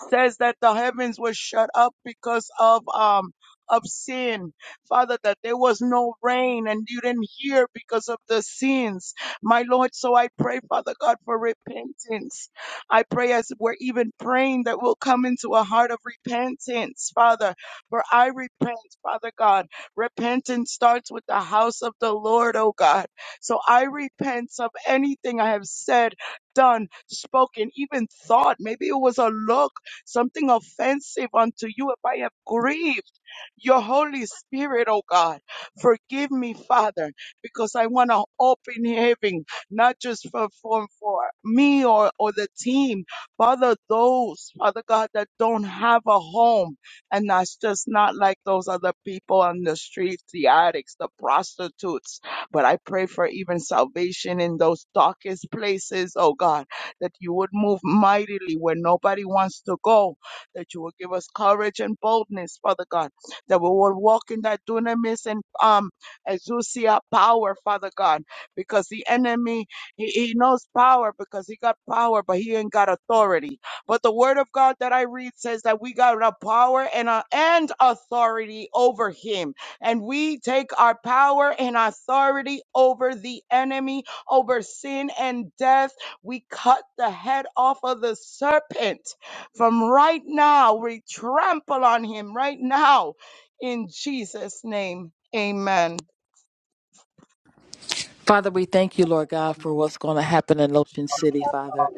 Speaker 4: says that the heavens were shut up because of um of sin. Father, that there was no rain and you didn't hear because of the sins. My Lord, so I pray, Father God, for repentance. I pray as we're even praying that we'll come into a heart of repentance, Father. For I repent, Father God. Repentance starts with the house of the Lord, oh God. So I repent of anything I have said, done, spoken, even thought. Maybe it was a look something offensive unto you, if I have grieved your Holy Spirit, oh God, forgive me, Father, because I want to open heaven, not just for, for, for me or, or the team, Father, those, Father God, that don't have a home and that's just not like those other people on the streets, the addicts, the prostitutes. But I pray for even salvation in those darkest places, oh God that you would move mightily where nobody wants to go, that you would give us courage and boldness, Father God, that we will walk in that dunamis and um exousia power, Father God, because the enemy he, he knows power because he got power, but he ain't got authority. But the word of God that I read says that we got a power and a, and authority over him, and we take our power and authority over the enemy, over sin and death we cut the head off of the serpent from right now. We trample on him right now in Jesus' name. Amen.
Speaker 10: Father, we thank you, Lord God, for what's going to happen in Ocean City, Father.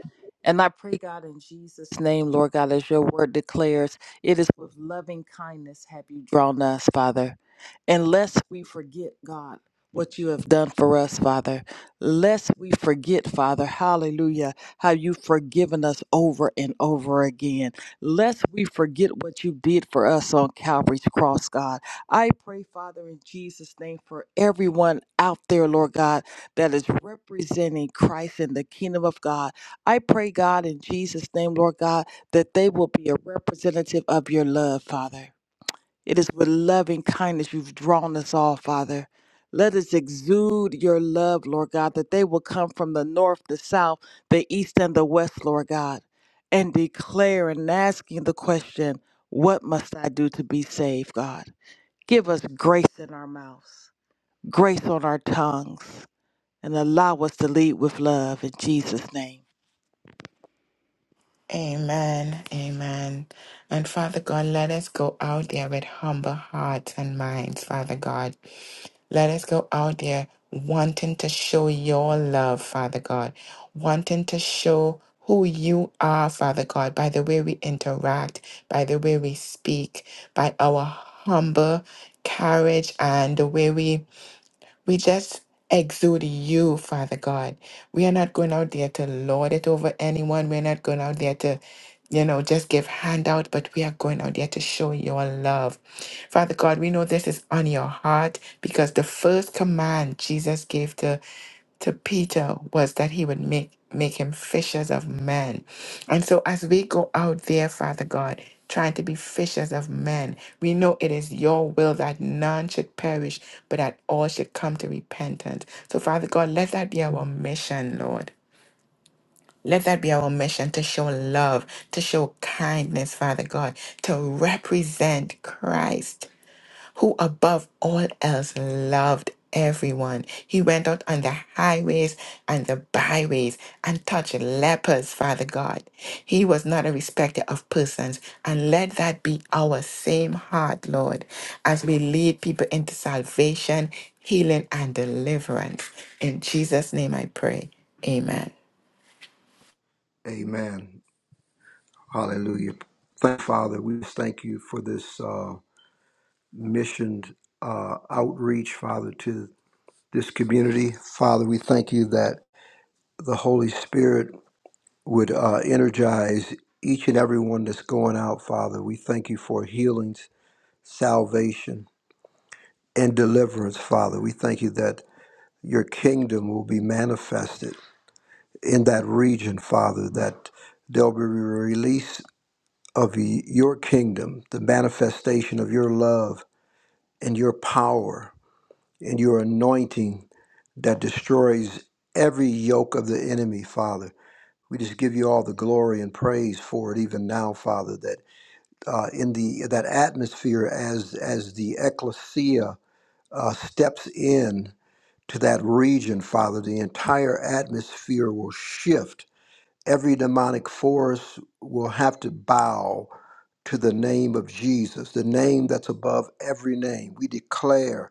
Speaker 10: And I pray, God, in Jesus' name, Lord God, as your word declares, it is with loving kindness have you drawn us, Father. And lest we forget, God, what you have done for us, Father. Lest we forget, Father, hallelujah, how you've forgiven us over and over again. Lest we forget what you did for us on Calvary's cross, God. I pray, Father, in Jesus' name, for everyone out there, Lord God, that is representing Christ in the kingdom of God. I pray, God, in Jesus' name, Lord God, that they will be a representative of your love, Father. It is with loving kindness you've drawn us all, Father. Let us exude your love, Lord God, that they will come from the north, the south, the east, and the west, Lord God, and declare and asking the question, What must I do to be saved, God? Give us grace in our mouths, grace on our tongues, and allow us to lead with love in Jesus' name.
Speaker 6: Amen. Amen. And Father God, let us go out there with humble hearts and minds, Father God. Let us go out there wanting to show your love, Father God, wanting to show who you are, Father God, by the way we interact, by the way we speak, by our humble carriage and the way we We just exude you, Father God. We are not going out there to lord it over anyone. We're not going out there to, you know, just give handout, but we are going out there to show your love. Father God, we know this is on your heart because the first command Jesus gave to to Peter was that he would make make him fishers of men. And so as we go out there, Father God, trying to be fishers of men, we know it is your will that none should perish, but that all should come to repentance. So Father God, let that be our mission, Lord. Let that be our mission to show love, to show kindness, Father God, to represent Christ who above all else loved everyone. He went out on the highways and the byways and touched lepers, Father God. He was not a respecter of persons. And let that be our same heart, Lord, as we lead people into salvation, healing, and deliverance. In Jesus' name I pray. Amen.
Speaker 7: Amen. Hallelujah. Thank you, Father, we thank you for this uh, mission uh, outreach, Father, to this community. Father, we thank you that the Holy Spirit would uh, energize each and every one that's going out, Father. We thank you for healings, salvation. and deliverance, Father. We thank you that your kingdom will be manifested in that region, Father, that there'll be a release of y- your kingdom, the manifestation of your love and your power and your anointing that destroys every yoke of the enemy, Father. We just give you all the glory and praise for it, even now, Father. That uh, in the that atmosphere, as as the ecclesia uh, steps in to that region, Father, the entire atmosphere will shift. Every demonic force will have to bow to the name of Jesus, the name that's above every name. We declare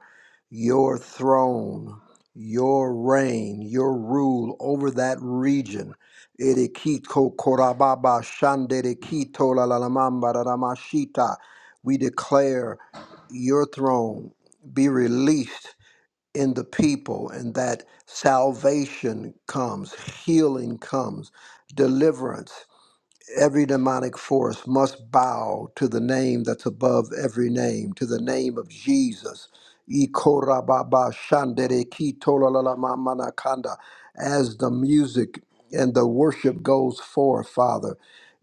Speaker 7: your throne, your reign, your rule over that region. Erikito korababa shanderikito lalalamamba raramashita. We declare your throne be released in the people and that salvation comes, healing comes, deliverance every demonic force must bow to the name that's above every name, to the name of Jesus. Ikorababa shandere kitolalamanakanda. As the music and the worship goes forth, Father.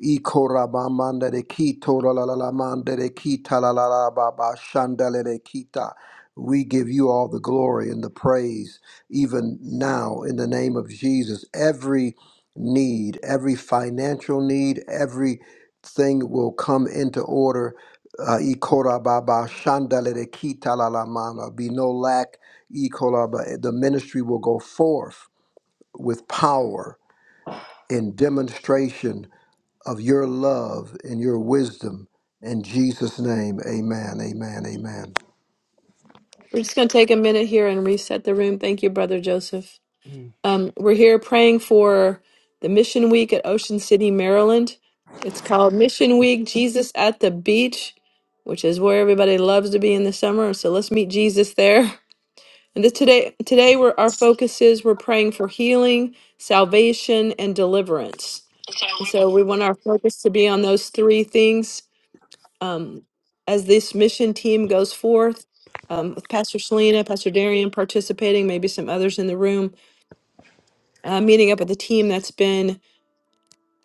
Speaker 7: Ikorabamandere kitolalalamandere kitalalababa shandere kita. We give you all the glory and the praise, even now, in the name of Jesus. Every need, every financial need, everything will come into order. Uh, ikorababa shandalere kitalalamana. be no lack. ikoraba. The ministry will go forth with power in demonstration of your love and your wisdom. In Jesus' name, amen, amen, amen.
Speaker 11: the it's the son of Jesus there. And this today today we're our focus is we're praying for healing, salvation, and deliverance. And so we want our focus to be on those three things um, as this mission team goes forth. Um, with Pastor Selena, Pastor Darian participating, maybe some others in the room, uh, meeting up with the team that's been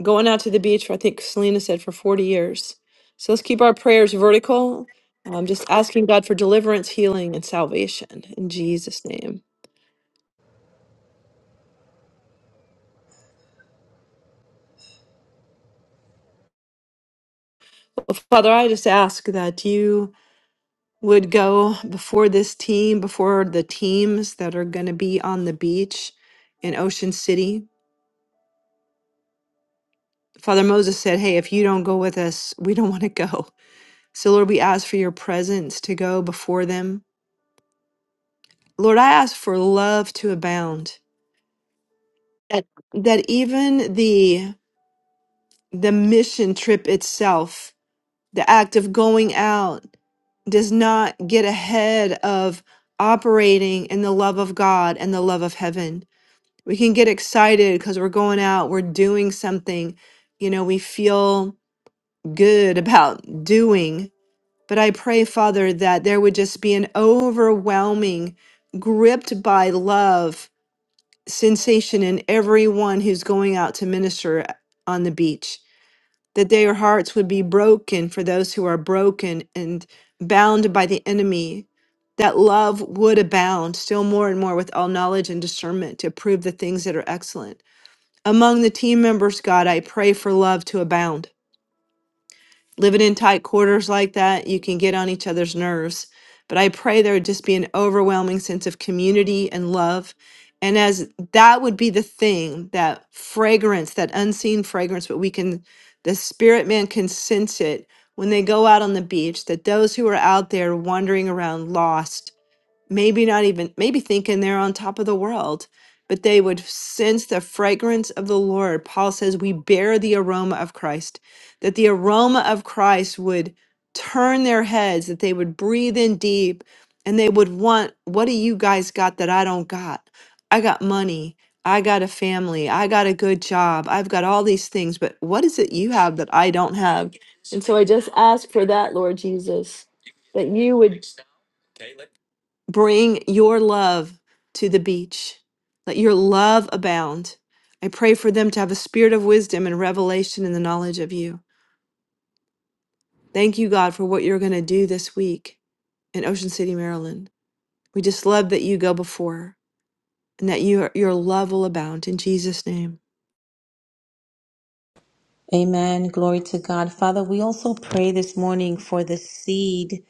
Speaker 11: going out to the beach for, I think Selena said, for 40 years. So let's keep our prayers vertical. i just asking God for deliverance, healing, and salvation in Jesus' name. Well, Father, I just ask that you would go before this team, before the teams that are going to be on the beach in Ocean City. Father Moses said, Hey, if you don't go with us, we don't want to go. So, Lord, we ask for your presence to go before them. Lord, I ask for love to abound. that that even the the mission trip itself, the act of going out, does not get ahead of operating in the love of God and the love of heaven. We can get excited because we're going out, we're doing something, you know, we feel good about doing. But I pray, Father, that there would just be an overwhelming, gripped by love sensation in everyone who's going out to minister on the beach, that their hearts would be broken for those who are broken and bound by the enemy, that love would abound still more and more with all knowledge and discernment to prove the things that are excellent. Among the team members, God, I pray for love to abound living in tight quarters like that, you can get on each other's nerves. But I pray there would just be an overwhelming sense of community and love. And as that would be the thing, that fragrance, that unseen fragrance, but we can, the spirit man can sense it when they go out on the beach, that those who are out there wandering around lost maybe not even maybe thinking they're on top of the world but they would sense the fragrance of the lord paul says we bear the aroma of christ that the aroma of christ would turn their heads that they would breathe in deep and they would want what do you guys got that i don't got i got money i got a family i got a good job i've got all these things but what is it you have that i don't have and so i just ask for that lord jesus that you would. Bring your love to the beach. Let your love abound. I pray for them to have a spirit of wisdom and revelation in the knowledge of you. Thank you, God, for what you're going to do this week in Ocean City, Maryland. We just love that you go before and that you, your love will abound in Jesus' name.
Speaker 2: Amen. Glory to God. Father, we also pray this morning for the seed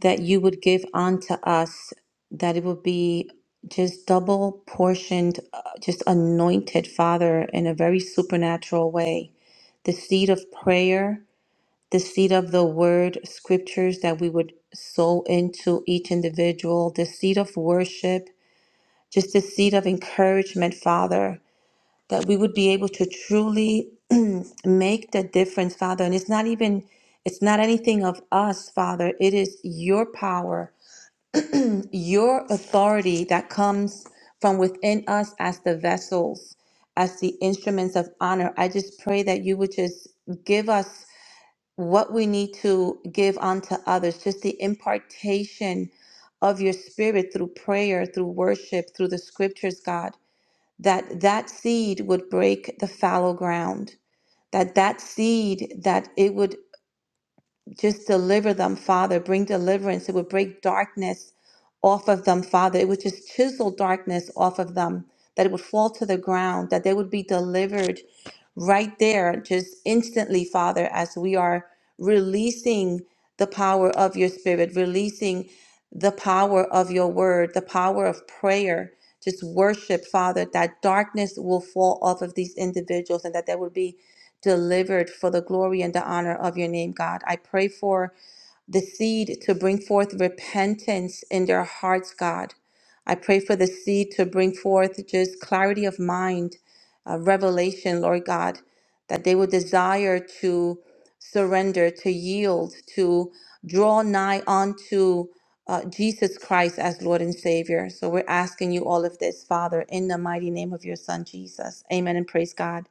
Speaker 2: that you would give unto us, that it would be just double portioned, uh, just anointed, Father, in a very supernatural way. The seed of prayer, the seed of the word, scriptures that we would sow into each individual, the seed of worship, just the seed of encouragement, Father that we would be able to truly make the difference, Father. And it's not even, it's not anything of us, Father. It is your power, your authority that comes from within us as the vessels, as the instruments of honor. I just pray that you would just give us what we need to give unto others, just the impartation of your spirit through prayer, through worship, through the scriptures, God that that seed would break the fallow ground that that seed that it would just deliver them, Father. Bring deliverance. It would break darkness off of them, Father. It would just chisel darkness off of them, that it would fall to the ground, that they would be delivered right there, just instantly, Father, as we are releasing the power of your spirit, releasing the power of your word, the power of prayer. Just worship, Father, that darkness will fall off of these individuals and that there would be delivered for the glory and the honor of your name, God. I pray for the seed to bring forth repentance in their hearts, God. I pray for the seed to bring forth just clarity of mind, uh, revelation, Lord God, that they would desire to surrender, to yield, to draw nigh unto uh, Jesus Christ as Lord and Savior. So we're asking you all of this, Father, in the mighty name of your Son, Jesus. Amen and praise God.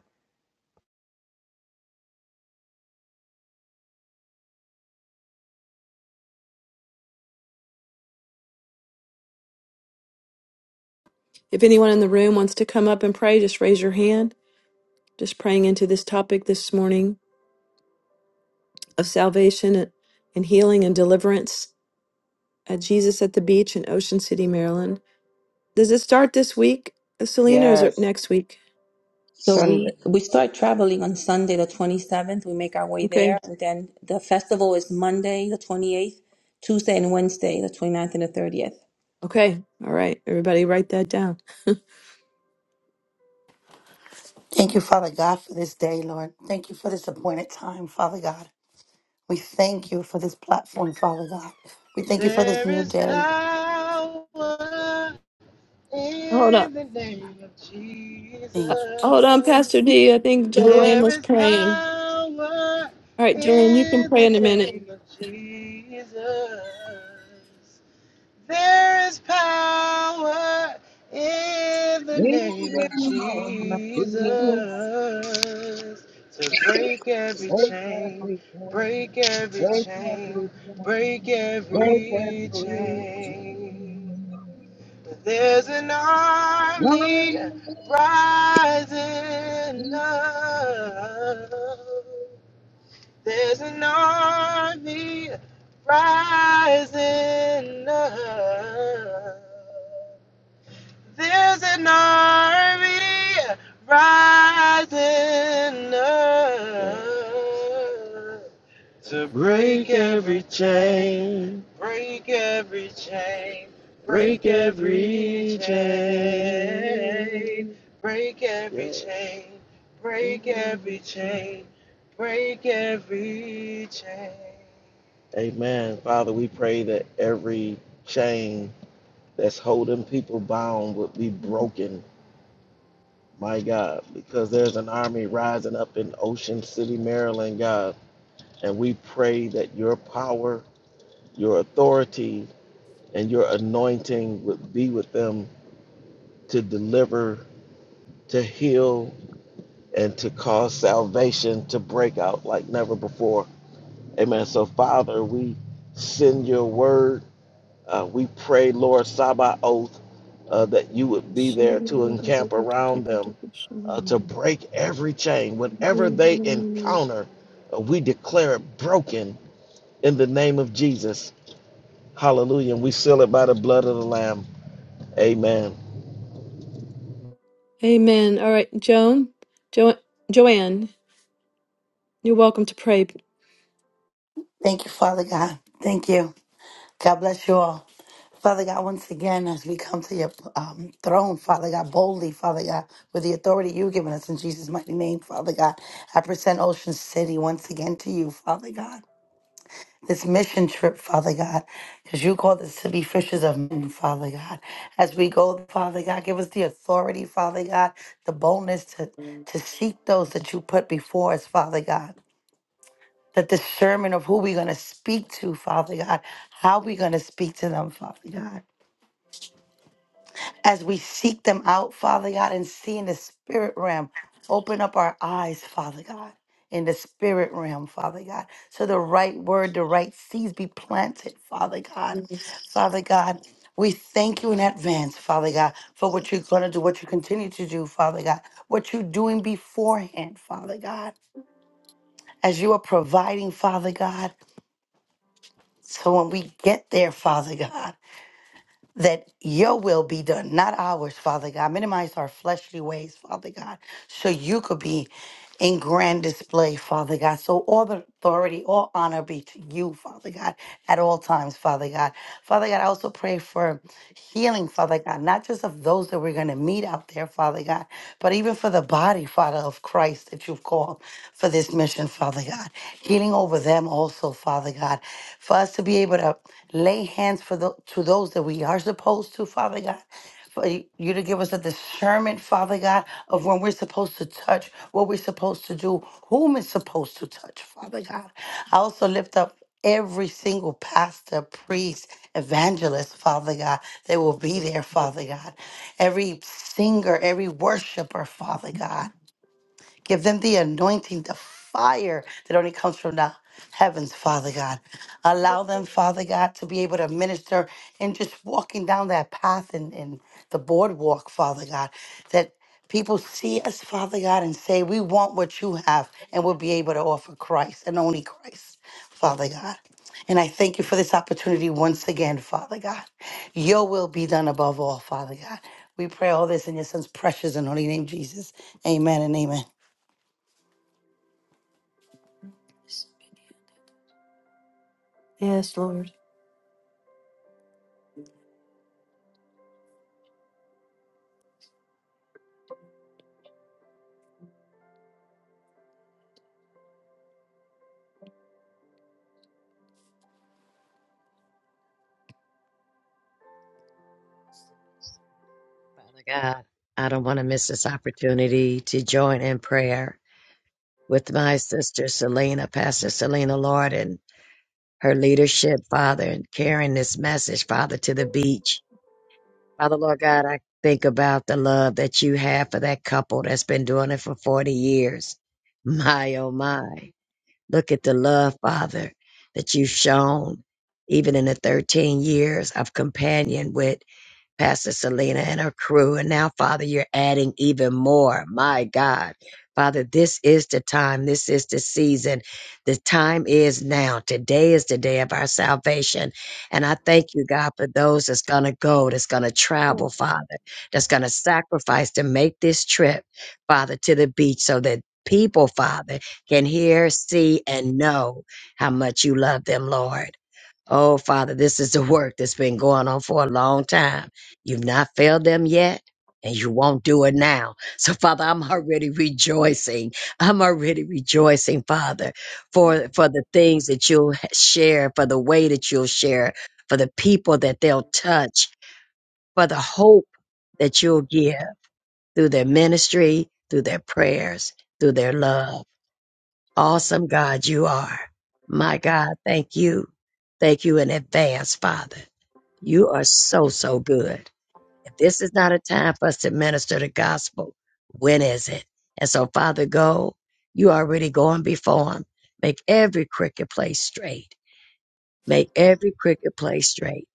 Speaker 11: If anyone in the room wants to come up and pray, just raise your hand. Just praying into this topic this morning of salvation and healing and deliverance at Jesus at the Beach in Ocean City, Maryland. Does it start this week, Selena, or is it
Speaker 4: Yes.
Speaker 11: next week?
Speaker 2: So
Speaker 4: Sunday.
Speaker 2: we we start traveling on Sunday the 27th. We make our way there, and then the festival is Monday the 28th, Tuesday and Wednesday the twenty ninth and the 30th.
Speaker 11: Okay. All right. Everybody write that down.
Speaker 12: Thank you, Father God, for this day, Lord. Thank you for this appointed time, Father God. We thank you for this platform, Father God. We thank you for this
Speaker 5: There
Speaker 12: new
Speaker 5: is
Speaker 12: day.
Speaker 5: power In the name of Jesus,
Speaker 12: Thank you.
Speaker 11: Hold on, Pastor D. I think Joanne
Speaker 5: there
Speaker 11: was
Speaker 5: is
Speaker 11: praying.
Speaker 5: power in the name of Jesus. There is power in the
Speaker 4: In
Speaker 5: name
Speaker 4: the
Speaker 5: of
Speaker 4: name of
Speaker 5: Jesus
Speaker 4: Jesus,
Speaker 5: to break every
Speaker 4: break
Speaker 5: chain,
Speaker 4: every chain,
Speaker 5: break every
Speaker 4: break
Speaker 5: chain,
Speaker 4: every chain,
Speaker 5: break
Speaker 4: break
Speaker 5: every
Speaker 4: every
Speaker 5: chain. There's an army
Speaker 4: chain.
Speaker 5: rising up. There's an army rising up. There's an army rising up. Break every chain. Break every chain. Break every chain. Break every chain. Break every chain. Break every chain. Amen. Father, we pray that every chain that's holding people bound would be broken. My God, because there's an army rising up in Ocean City, Maryland, God. And we pray that your power your authority and your anointing would be with them to deliver, to heal, and to cause salvation to break out like never before. Amen. So, Father, we send your word. Uh, we pray, Lord Sabaoth, uh, that you would be there to encamp around them, uh, to break every chain. Whatever they encounter, uh, we declare it broken in the name of Jesus. Hallelujah. And we seal it by the blood of the Lamb. Amen.
Speaker 11: Amen. All right, Joan. Jo- Joanne, you're welcome to pray.
Speaker 12: Thank you, Father God. Thank you. God bless you all. Father God, once again, as we come to your um, throne, Father God, boldly, Father God, with the authority you've given us in Jesus' mighty name, Father God, I present Ocean City once again to you, Father God. this mission trip, Father God, because you called us to be fishers of men, Father God. As we go, Father God, give us the authority, Father God, the boldness to, to seek those that you put before us, Father God. The discernment of who we're going to speak to, Father God, how we're going to speak to them, Father God as we seek them out, Father God, and see in the spirit realm. Open up our eyes, Father God, in the spirit realm, Father God, so the right word, the right seeds be planted, Father God. Father God, we thank you in advance, Father God, for what you're going to do, what you continue to do, Father God, what you're doing beforehand, Father God, as you are providing, Father God. So when we get there, Father God, that your will be done, not ours, Father God. Minimize our fleshly ways, Father God, so you could be in grand display, Father God. So all the authority, all honor be to you, Father God, at all times, Father God. Father God, I also pray for healing, Father God, not just of those that we're going to meet out there, Father God, but even for the body, Father, of Christ that you've called for this mission, Father God. Healing over them also, Father God. For us to be able to lay hands for the, to those that we are supposed to, Father God for you to give us a discernment, Father God, of when we're supposed to touch, what we're supposed to do, whom is supposed to touch, Father God. I also lift up every single pastor, priest, evangelist, Father God, They will be there, Father God. Every singer, every worshiper, Father God. Give them the anointing, the fire that only comes from the heavens, Father God. Allow them, Father God, to be able to minister and just walking down that path and in, in the boardwalk, Father God, that people see us, Father God, and say, We want what you have, and we'll be able to offer Christ and only Christ, Father God. And I thank you for this opportunity once again, Father God. Your will be done above all, Father God. We pray all this in your son's precious and holy name, Jesus. Amen and amen.
Speaker 11: Yes, Lord.
Speaker 13: Father God, I don't want to miss this opportunity to join in prayer with my sister Selena, Pastor Selena Lord, and her leadership, Father, and carrying this message, Father, to the beach. Father, Lord God, I think about the love that you have for that couple that's been doing it for 40 years. My, oh my. Look at the love, Father, that you've shown even in the 13 years of companion with Pastor Selena and her crew. And now, Father, you're adding even more. My God. Father, this is the time. This is the season. The time is now. Today is the day of our salvation. And I thank you, God, for those that's going to go, that's going to travel, Father, that's going to sacrifice to make this trip, Father, to the beach so that people, Father, can hear, see, and know how much you love them, Lord. Oh, Father, this is the work that's been going on for a long time. You've not failed them yet, and you won't do it now. So, Father, I'm already rejoicing. I'm already rejoicing, Father, for for the things that you'll share, for the way that you'll share, for the people that they'll touch, for the hope that you'll give through their ministry, through their prayers, through their love. Awesome God, you are. My God, thank you. Thank you in advance, Father. You are so, so good. If this is not a time for us to minister the gospel, when is it? And so, Father, go. You already going before him. Make every crooked place straight. Make every crooked place straight.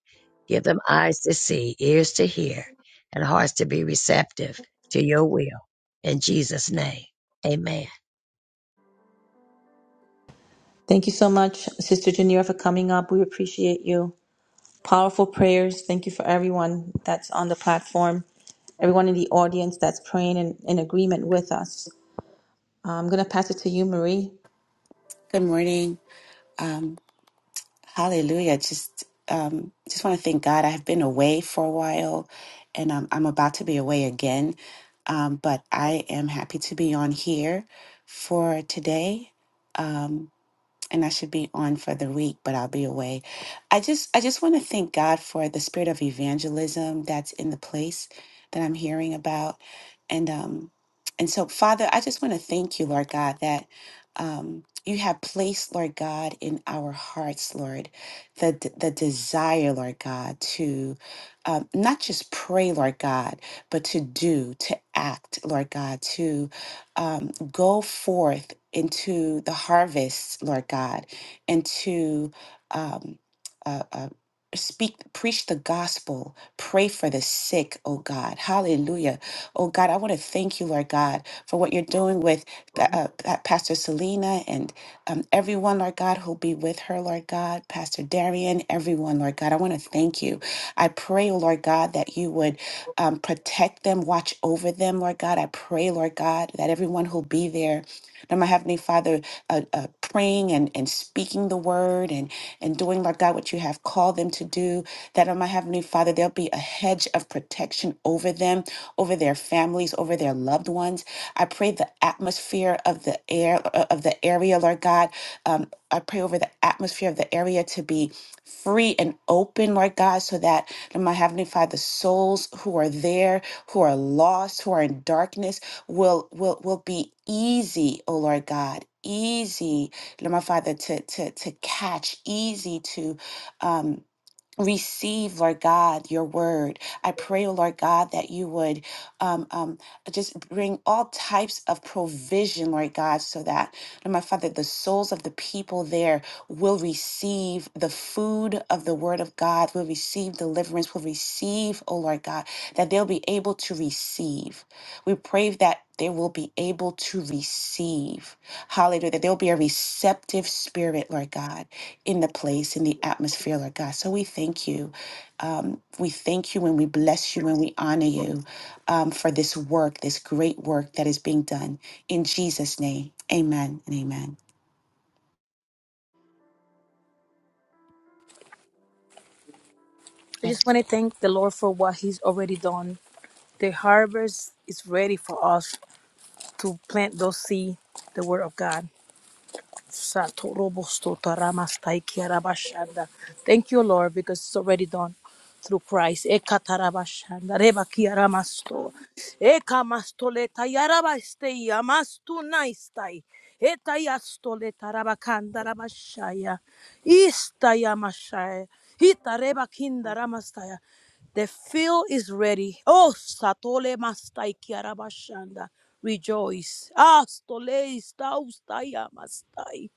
Speaker 13: Give them eyes to see, ears to hear, and hearts to be receptive to your will. In Jesus' name, amen.
Speaker 2: Thank you so much, Sister Janira, for coming up. We appreciate you. Powerful prayers. Thank you for everyone that's on the platform, everyone in the audience that's praying in, in agreement with us. I'm going to pass it to you, Marie.
Speaker 14: Good morning. Um, hallelujah. Just um, just want to thank God. I've been away for a while, and um, I'm about to be away again. Um, but I am happy to be on here for today. Um, and I should be on for the week, but I'll be away. I just I just want to thank God for the spirit of evangelism that's in the place that I'm hearing about, and um and so Father, I just want to thank you, Lord God, that um you have placed, Lord God, in our hearts, Lord, the d- the desire, Lord God, to um, not just pray, Lord God, but to do, to act, Lord God, um, go forth into the harvest, Lord God, and to um, uh, uh, speak, preach the gospel, pray for the sick, oh God. Hallelujah. Oh God, I want to thank you, Lord God, for what you're doing with uh, uh, Pastor Selena um, everyone, Lord God, who'll be with her, Lord God, Pastor Darian, everyone, Lord God. I want to thank you. I pray, oh Lord God, that you would um, protect them, watch over them, Lord God. I pray, Lord God, that everyone who'll be there, Lord, my Heavenly Father, uh, uh, praying and, and speaking the word and, and doing, Lord God, what you have called them to do, that, oh my Heavenly Father, there'll be a hedge of protection over them, over their families, over their loved ones. I pray the atmosphere of the air uh, of the area, Lord God. Um, I pray over the atmosphere of the area to be free and open, Lord God, so that Lord, my Heavenly Father, the souls who are there, who are lost, who are in darkness, will will will be easy, oh Lord God. Easy, Lord my Father, to to to catch, easy to um receive, Lord God, your word. I pray, oh Lord God, that you would um, um, just bring all types of provision, Lord God, so that, Lord my Father, the souls of the people there will receive the food of the word of God, will receive deliverance, will receive, oh Lord God, that they'll be able to receive. We pray that they will be able to receive. Hallelujah. That there will be a receptive spirit, Lord God, in the place, in the atmosphere, Lord God. So we thank you. Um, we thank you and we bless you and we honor you um, for this work, this great work that is being done. In Jesus' name, amen and amen.
Speaker 8: i just want to thank the lord for what he's already done the harvest is ready for us to plant those seed the word of god Satorobostotaramastaikiarabashanda. thank you lord because it's already done through Christ. Ekatarabashanda, rebakiaramasto. Eka mastoleta yarabastei amastu naistai. Eta yastoleta rabakanda rabashaya. Ista yamashaya. Hita rebakinda ramastaya. The field is ready. Oh, satole mastai kiarabashanda. Rejoice. Astole staustaya mastai.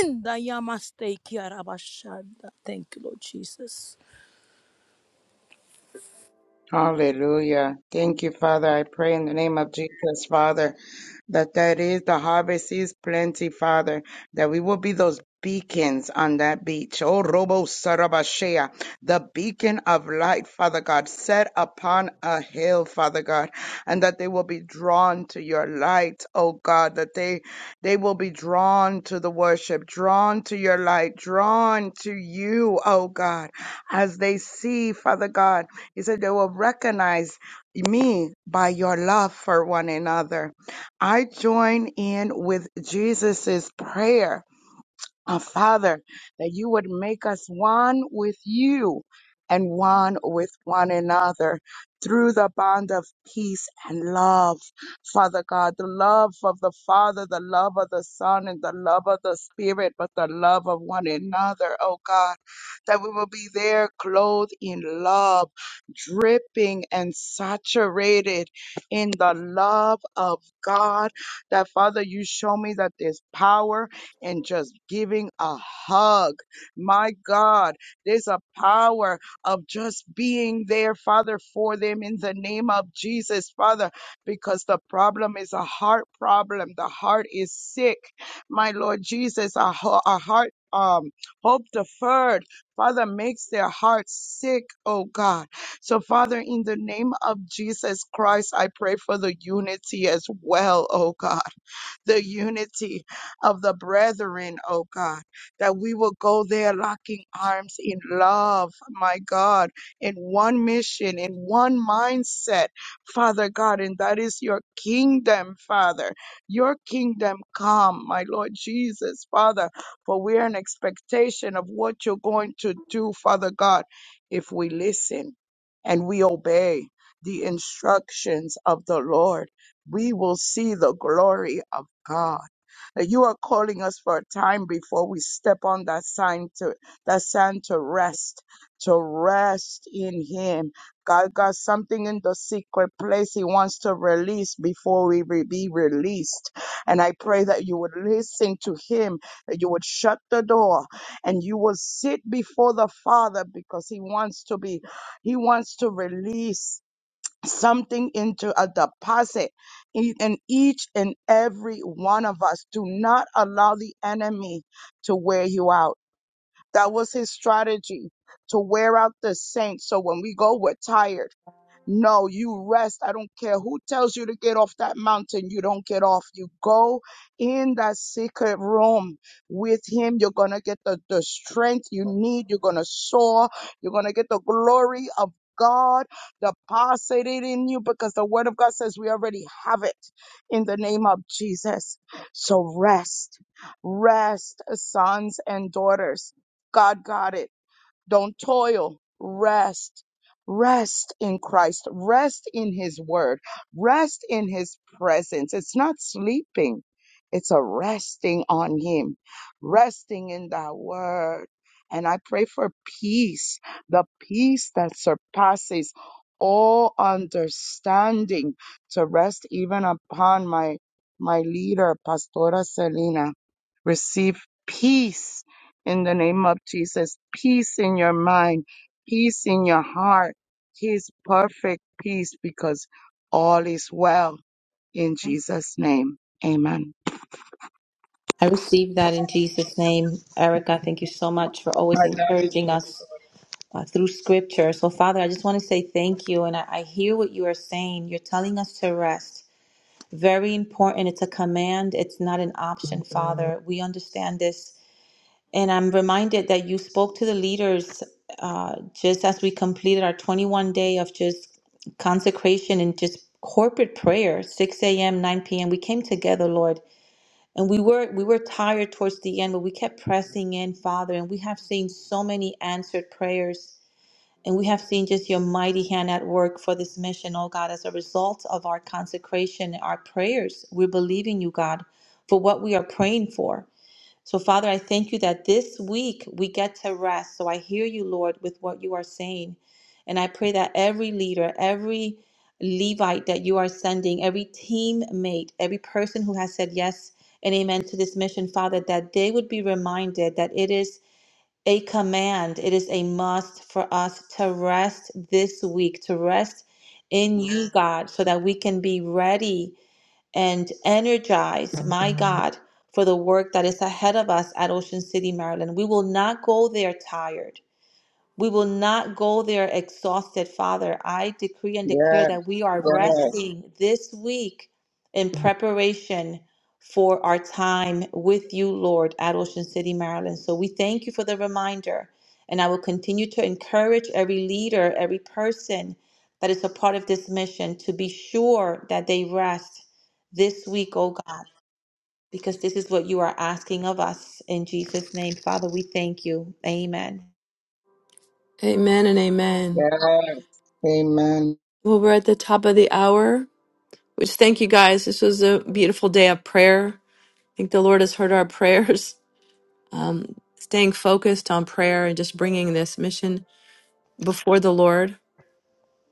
Speaker 8: Inda yamastei kiarabashanda. Thank you, Lord Jesus.
Speaker 4: Hallelujah. Thank you, Father. I pray in the name of Jesus, Father, that that is the harvest is plenty, Father, that we will be those beacons on that beach. Oh, Robo Sarabashea, the beacon of light, Father God, set upon a hill, Father God, and that they will be drawn to your light, oh God, that they they will be drawn to the worship, drawn to your light, drawn to you, oh God, as they see, Father God. He said, They will recognize me by your love for one another. I join in with Jesus's prayer uh, Father, that you would make us one with you and one with one another through the bond of peace and love. Father God, the love of the Father, the love of the Son, and the love of the Spirit, but the love of one another, oh God, that we will be there clothed in love, dripping and saturated in the love of God. That Father, you show me that there's power and just giving a hug. My God, there's a power of just being there, Father, for them in the name of Jesus, Father, because the problem is a heart problem. The heart is sick. My Lord Jesus, a, ho- a heart um hope deferred father makes their hearts sick oh god so father in the name of jesus christ i pray for the unity as well oh god the unity of the brethren, oh God, that we will go there locking arms in love, my God, in one mission, in one mindset, Father God, and that is your kingdom, Father. Your kingdom come, my Lord Jesus, Father, for we are in expectation of what you're going to do, Father God, if we listen and we obey the instructions of the Lord. We will see the glory of God, that you are calling us for a time before we step on that sign to that sand to rest, to rest in Him. God got something in the secret place He wants to release before we re- be released. And I pray that you would listen to Him, that you would shut the door, and you will sit before the Father because He wants to be, He wants to release something into a deposit e- in each and every one of us. Do not allow the enemy to wear you out. That was his strategy to wear out the saints. So when we go, we're tired. No, you rest. I don't care who tells you to get off that mountain. You don't get off. You go in that secret room with Him. You're going to get the, the strength you need. You're going to soar. You're going to get the glory of God deposited in you because the Word of God says we already have it in the name of Jesus. So rest, rest, sons and daughters. God got it. Don't toil. Rest. Rest in Christ. Rest in His Word. Rest in His presence. It's not sleeping, it's a resting on Him, resting in that Word. And I pray for peace, the peace that surpasses all understanding to rest even upon my my leader pastora selena receive peace in the name of Jesus. Peace in your mind, peace in your heart, His perfect peace because all is well in Jesus' name. Amen.
Speaker 2: I receive that in Jesus' name. Erica, thank you so much for
Speaker 4: I
Speaker 2: always
Speaker 4: love
Speaker 2: encouraging
Speaker 4: it.
Speaker 2: us uh, through scripture. So, Father, I just want to say thank you. And I, I hear what you are saying. You're telling us to rest. Very important. It's a command, it's not an option, Father. We understand this. And I'm reminded that you spoke to the leaders uh, just as we completed our 21 day of just consecration and just corporate prayer 6 a.m 9 p.m we came together lord and we were we were tired towards the end but we kept pressing in father and we have seen so many answered prayers and we have seen just your mighty hand at work for this mission, oh God, as a result of our consecration, our prayers. We're believing you, God, for what we are praying for. So, Father, I thank you that this week we get to rest. So I hear you, Lord, with what you are saying. And I pray that every leader, every Levite that you are sending, every teammate, every person who has said yes and amen to this mission, Father, that they would be reminded that it is a command. It is a must for us to rest this week, to rest in you, God, so that we can be ready and energized, my God, for the work that is ahead of us at Ocean City, Maryland. We will not go there tired. We will not go there exhausted, Father. I decree and declare
Speaker 4: Yes,
Speaker 2: that we are
Speaker 4: yes,
Speaker 2: resting this week in preparation for our time with you, Lord, at Ocean City, Maryland. So we thank you for the reminder. And I will continue to encourage every leader, every person that is a part of this mission to be sure that they rest this week, oh God, because this is what you are asking of us. In Jesus' name, Father, we thank you. Amen.
Speaker 11: Amen and amen.
Speaker 4: yes. Amen.
Speaker 11: Well, we're at the top of the hour, which thank you guys. This was a beautiful day of prayer. I think the Lord has heard our prayers. Um, staying focused on prayer and just bringing this mission before the Lord.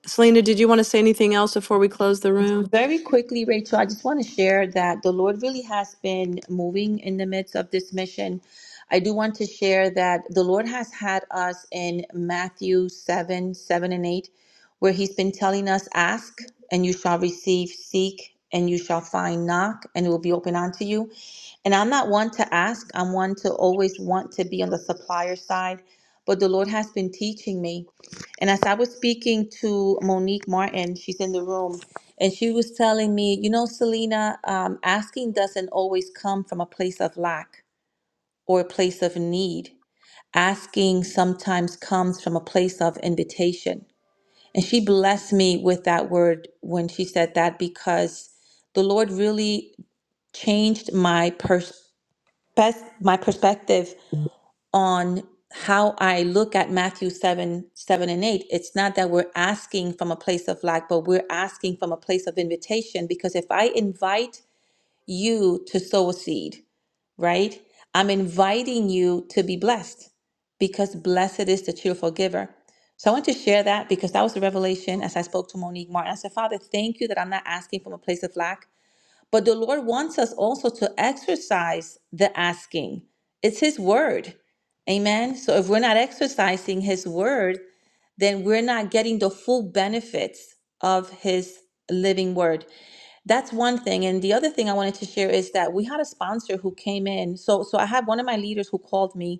Speaker 11: Selena, did you want to say anything else before we close the room?
Speaker 2: Very quickly, Rachel, I just want to share that the Lord really has been moving in the midst of this mission. I do want to share that the Lord has had us in Matthew 7 7 and 8, where He's been telling us, Ask and you shall receive, seek and you shall find, knock and it will be open unto you. And I'm not one to ask, I'm one to always want to be on the supplier side. But the Lord has been teaching me. And as I was speaking to Monique Martin, she's in the room, and she was telling me, you know, Selena, um, asking doesn't always come from a place of lack or a place of need. Asking sometimes comes from a place of invitation. And she blessed me with that word when she said that because the Lord really changed my perspective best my perspective on how I look at Matthew 7, 7 and 8. It's not that we're asking from a place of lack, but we're asking from a place of invitation. Because if I invite you to sow a seed, right? I'm inviting you to be blessed because blessed is the cheerful giver. So I want to share that because that was the revelation as I spoke to Monique Martin. I said, Father, thank you that I'm not asking from a place of lack but the Lord wants us also to exercise the asking. It's His word. Amen. So if we're not exercising His word, then we're not getting the full benefits of His living word. That's one thing. And the other thing I wanted to share is that we had a sponsor who came in. So so I had one of my leaders who called me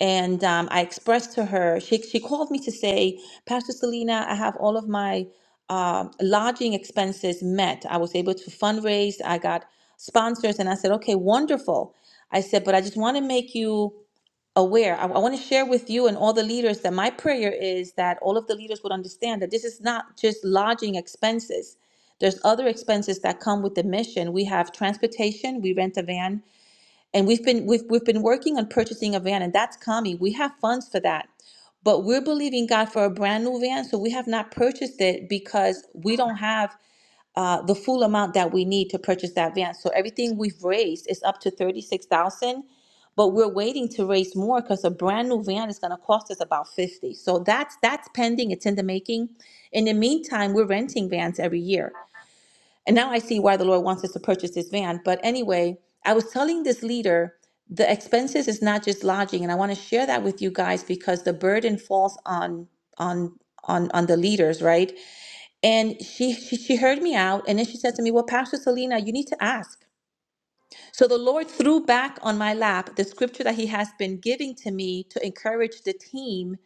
Speaker 2: and um, I expressed to her. She she called me to say, Pastor Selena, I have all of my um lodging expenses met. I was able to fundraise. I got sponsors, and I said, okay, wonderful. I said, but I just want to make you aware. I, I want to share with you and all the leaders that my prayer is that all of the leaders would understand that this is not just lodging expenses. There's other expenses that come with the mission. We have transportation. We rent a van and we've been we've we've been working on purchasing a van and that's coming we have funds for that but we're believing god for a brand new van so we have not purchased it because we don't have uh, the full amount that we need to purchase that van so everything we've raised is up to 36000 but we're waiting to raise more because a brand new van is going to cost us about 50 so that's that's pending it's in the making in the meantime we're renting vans every year and now I see why the Lord wants us to purchase this van. But anyway, I was telling this leader the expenses is not just lodging, and I want to share that with you guys because the burden falls on on on on the leaders, right? And she she, she heard me out, and then she said to me, "Well, Pastor Selena, you need to ask." So the Lord threw back on my lap the scripture that He has been giving to me to encourage the team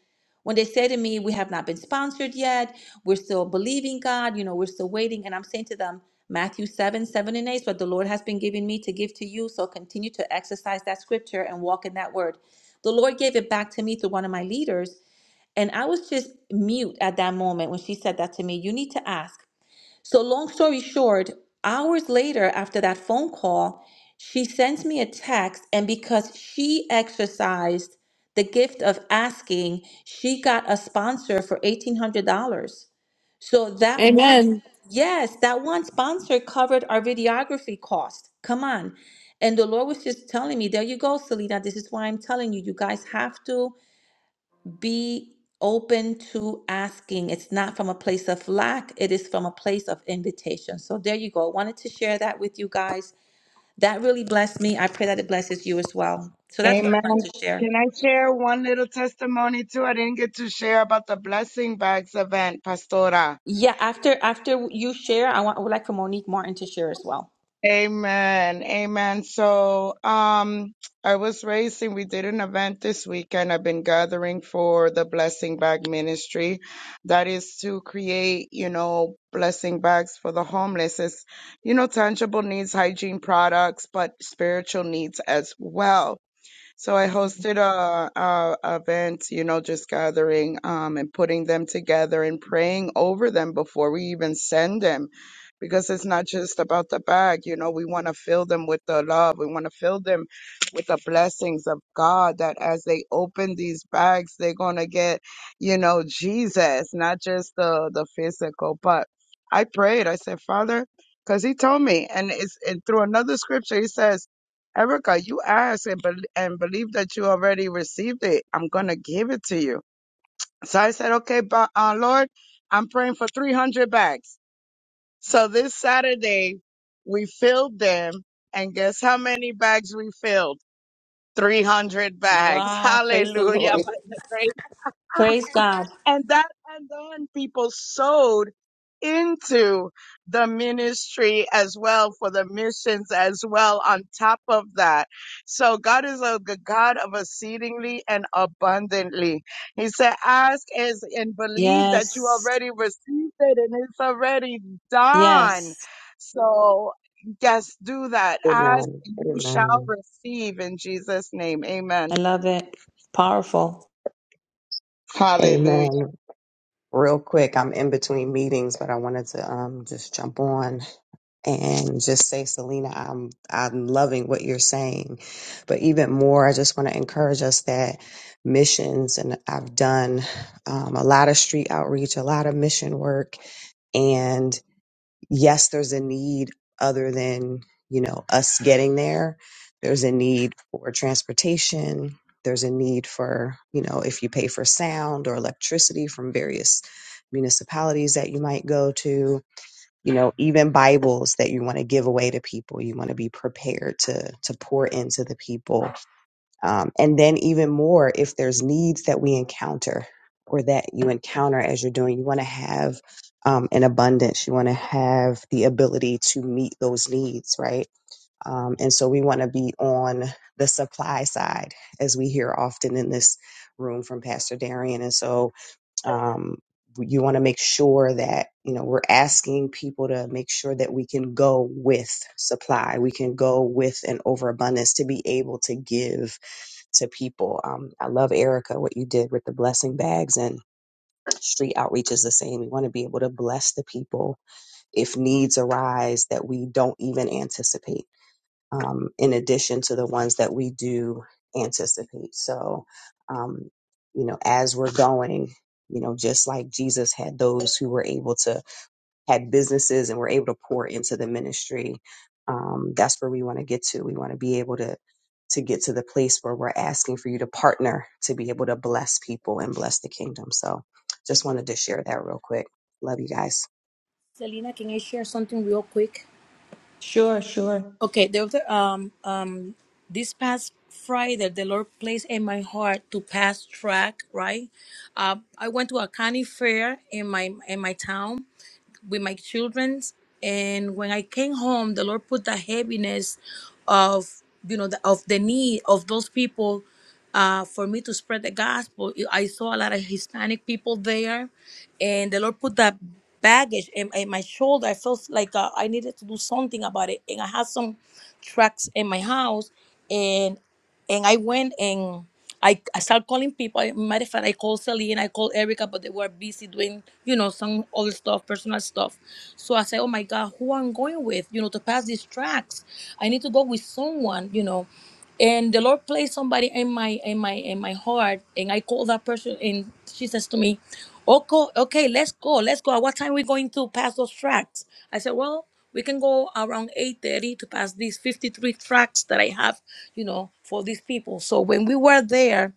Speaker 2: when they say to me, We have not been sponsored yet. We're still believing God. You know, we're still waiting. And I'm saying to them, Matthew 7, 7 and 8 is what the Lord has been giving me to give to you. So continue to exercise that scripture and walk in that word. The Lord gave it back to me through one of my leaders. And I was just mute at that moment when she said that to me. You need to ask. So, long story short, hours later after that phone call, she sends me a text. And because she exercised the gift of asking, she got a sponsor for $1,800. So, that one, Amen. yes, that one sponsor covered our videography cost. Come on. And the Lord was just telling me, there you go, Selena. This is why I'm telling you, you guys have to be open to asking. It's not from a place of lack, it is from a place of invitation. So there you go. I wanted to share that with you guys. That really blessed me. I pray that it blesses you as well. So that's what I
Speaker 4: Amen.
Speaker 2: wanted to share.
Speaker 4: Can I share one little testimony too? I didn't get to share about the blessing bags event, Pastora.
Speaker 2: Yeah, after after you share, I want I would like for Monique Martin to share as well.
Speaker 4: Amen. Amen. So, um, I was raising, we did an event this weekend. I've been gathering for the blessing bag ministry. That is to create, you know, blessing bags for the homeless. It's, you know, tangible needs, hygiene products, but spiritual needs as well. So I hosted a, a a event, you know, just gathering um, and putting them together and praying over them before we even send them, because it's not just about the bag. You know, we want to fill them with the love. We want to fill them with the blessings of God. That as they open these bags, they're gonna get, you know, Jesus, not just the the physical. But I prayed. I said, Father. Because he told me, and it's and through another scripture, he says, Erica, you asked and, bel and believe that you already received it. I'm going to give it to you. So I said, okay, but, uh, Lord, I'm praying for 300 bags. So this Saturday, we filled them. And guess how many bags we filled? 300 bags.
Speaker 2: Wow, praise the
Speaker 4: Hallelujah.
Speaker 2: Lord.
Speaker 4: By the grace
Speaker 2: Praise God.
Speaker 4: and that and then people sowed into the ministry as well for the missions as well on top of that so god is a g- god of exceedingly and abundantly he said ask as and believe that you
Speaker 2: Yes.
Speaker 4: already received it and it's already done
Speaker 2: Yes.
Speaker 4: so yes do that ask
Speaker 15: Amen.
Speaker 4: and you shall
Speaker 15: Amen.
Speaker 4: receive in jesus name amen
Speaker 2: I love it. Powerful.
Speaker 4: hallelujah
Speaker 15: Amen. Real quick, I'm in between meetings, but I wanted to um just jump on and just say, Selena, I'm I'm loving what you're saying. But even more, I just want to encourage us that missions and I've done um, a lot of street outreach, a lot of mission work, yes, there's a need other than, you know, us getting there. There's a need for transportation. There's a need for, you know, if you pay for sound or electricity from various municipalities that you might go to, you know, even Bibles that you want to give away to people. You want to be prepared to to pour into the people um, and then even more, if there's needs that we encounter or that you encounter as you're doing, you want to have um, an abundance. You want to have the ability to meet those needs, right? Um, and so we want to be on the supply side, as we hear often in this room from Pastor Darian. And so um, you want to make sure that you know we're asking people to make sure that we can go with supply, we can go with an overabundance to be able to give to people. Um, I love Erica, what you did with the blessing bags and street outreach is the same. We want to be able to bless the people if needs arise that we don't even anticipate, um, in addition to the ones that we do anticipate. So, um, you know, as we're going, you know, just like Jesus had those who were able to had businesses and were able to pour into the ministry. Um, that's where we want to get to. We want to be able to to get to the place where we're asking for you to partner to be able to bless people and bless the kingdom. So just wanted to share that real quick. Love you guys.
Speaker 8: Selena, can I share something real quick?
Speaker 2: Sure, sure.
Speaker 8: Okay, the other, um um this past Friday the Lord placed in my heart to pass track, right? Uh, I went to a county fair in my in my town with my children. And when I came home, the Lord put the heaviness of you know the, of the need of those people uh, for me to spread the gospel. I saw a lot of Hispanic people there, and the Lord put that baggage in, in my shoulder. I felt like uh, I needed to do something about it, and I had some tracks in my house, and and I went and I, I started calling people. I, matter of fact, I called Celine, I called Erica, but they were busy doing, you know, some other stuff, personal stuff. So I said, oh my God, who I'm going with, you know, to pass these tracks. I need to go with someone, you know. And the Lord placed somebody in my in my in my heart, and I called that person, and she says to me, "Okay, okay, let's go, let's go. At what time we going to pass those tracks?" I said, "Well." we can go around 8.30 to pass these 53 tracks that i have you know for these people so when we were there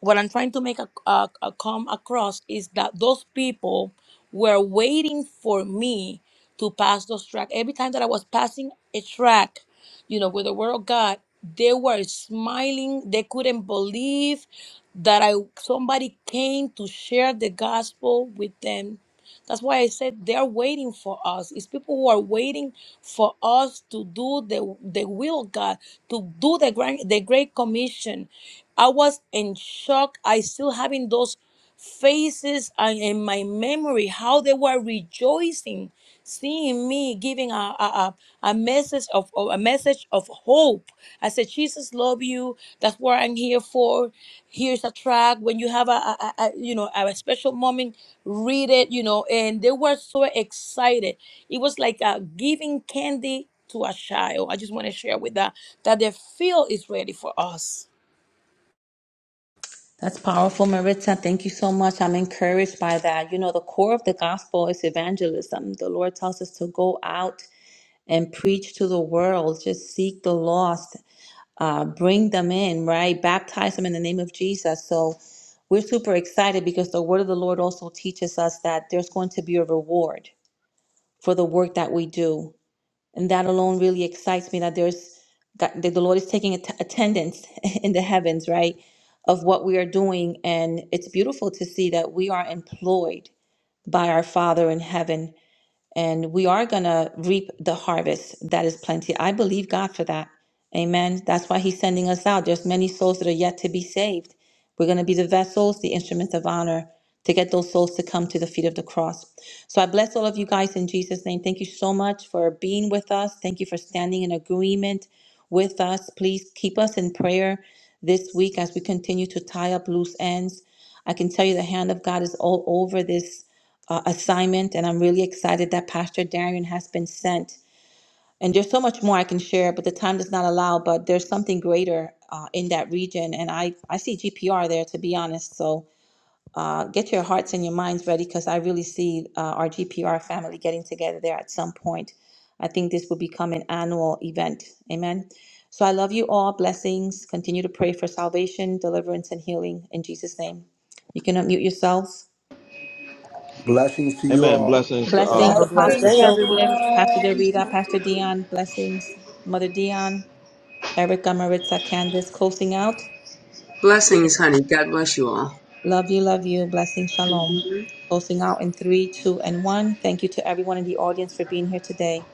Speaker 8: what i'm trying to make a, a, a come across is that those people were waiting for me to pass those tracks every time that i was passing a track you know with the word of god they were smiling they couldn't believe that i somebody came to share the gospel with them that's why I said they're waiting for us. It's people who are waiting for us to do the, the will of God, to do the grand, the great commission. I was in shock. I still having those faces and in my memory how they were rejoicing seeing me giving a, a, a, a message of of- a message of hope. I said, Jesus love you. That's what I'm here for. Here's a track. When you have a, a, a a, you know a special moment, read it. You know, and they were so excited. It was like uh, giving candy to a child. I just want to share with that that the field is ready for us
Speaker 2: That's powerful, Maritza. Thank you so much. I'm encouraged by that. You know, the core of the gospel is evangelism. The Lord tells us to go out and preach to the world, just seek the lost, uh, bring them in, right? Baptize them in the name of Jesus. So we're super excited because the word of the Lord also teaches us that there's going to be a reward for the work that we do and that alone really excites me that there's that the lord is taking att- attendance in the heavens right of what we are doing and it's beautiful to see that we are employed by our father in heaven and we are going to reap the harvest that is plenty. I believe God for that. Amen. That's why he's sending us out. There's many souls that are yet to be saved. We're going to be the vessels, the instruments of honor to get those souls to come to the feet of the cross. So I bless all of you guys in Jesus name. Thank you so much for being with us. Thank you for standing in agreement with us. Please keep us in prayer this week as we continue to tie up loose ends. I can tell you the hand of God is all over this uh, assignment, and I'm really excited that Pastor Darian has been sent. And there's so much more I can share, but the time does not allow. But there's something greater uh, in that region, and I I see GPR there to be honest. So uh, get your hearts and your minds ready because I really see uh, our GPR family getting together there at some point. I think this will become an annual event. Amen. So I love you all. Blessings. Continue to pray for salvation, deliverance, and healing in Jesus' name. You can unmute yourselves.
Speaker 7: Blessings to you
Speaker 5: Amen.
Speaker 7: all.
Speaker 5: Blessings to uh,
Speaker 3: Have
Speaker 2: Blessings,
Speaker 3: a blessed
Speaker 4: blessings
Speaker 2: Apostle
Speaker 3: day, everyone.
Speaker 2: Joseph, Pastor
Speaker 4: everyone
Speaker 2: Dorita, Pastor Dion, blessings, Mother Dion, Erica, Maritza, Candace, closing out.
Speaker 9: blessings, honey. God bless you all.
Speaker 2: Love you, love you. Blessing, shalom. Closing out in three, two, and one. Thank you to everyone in the audience for being here today.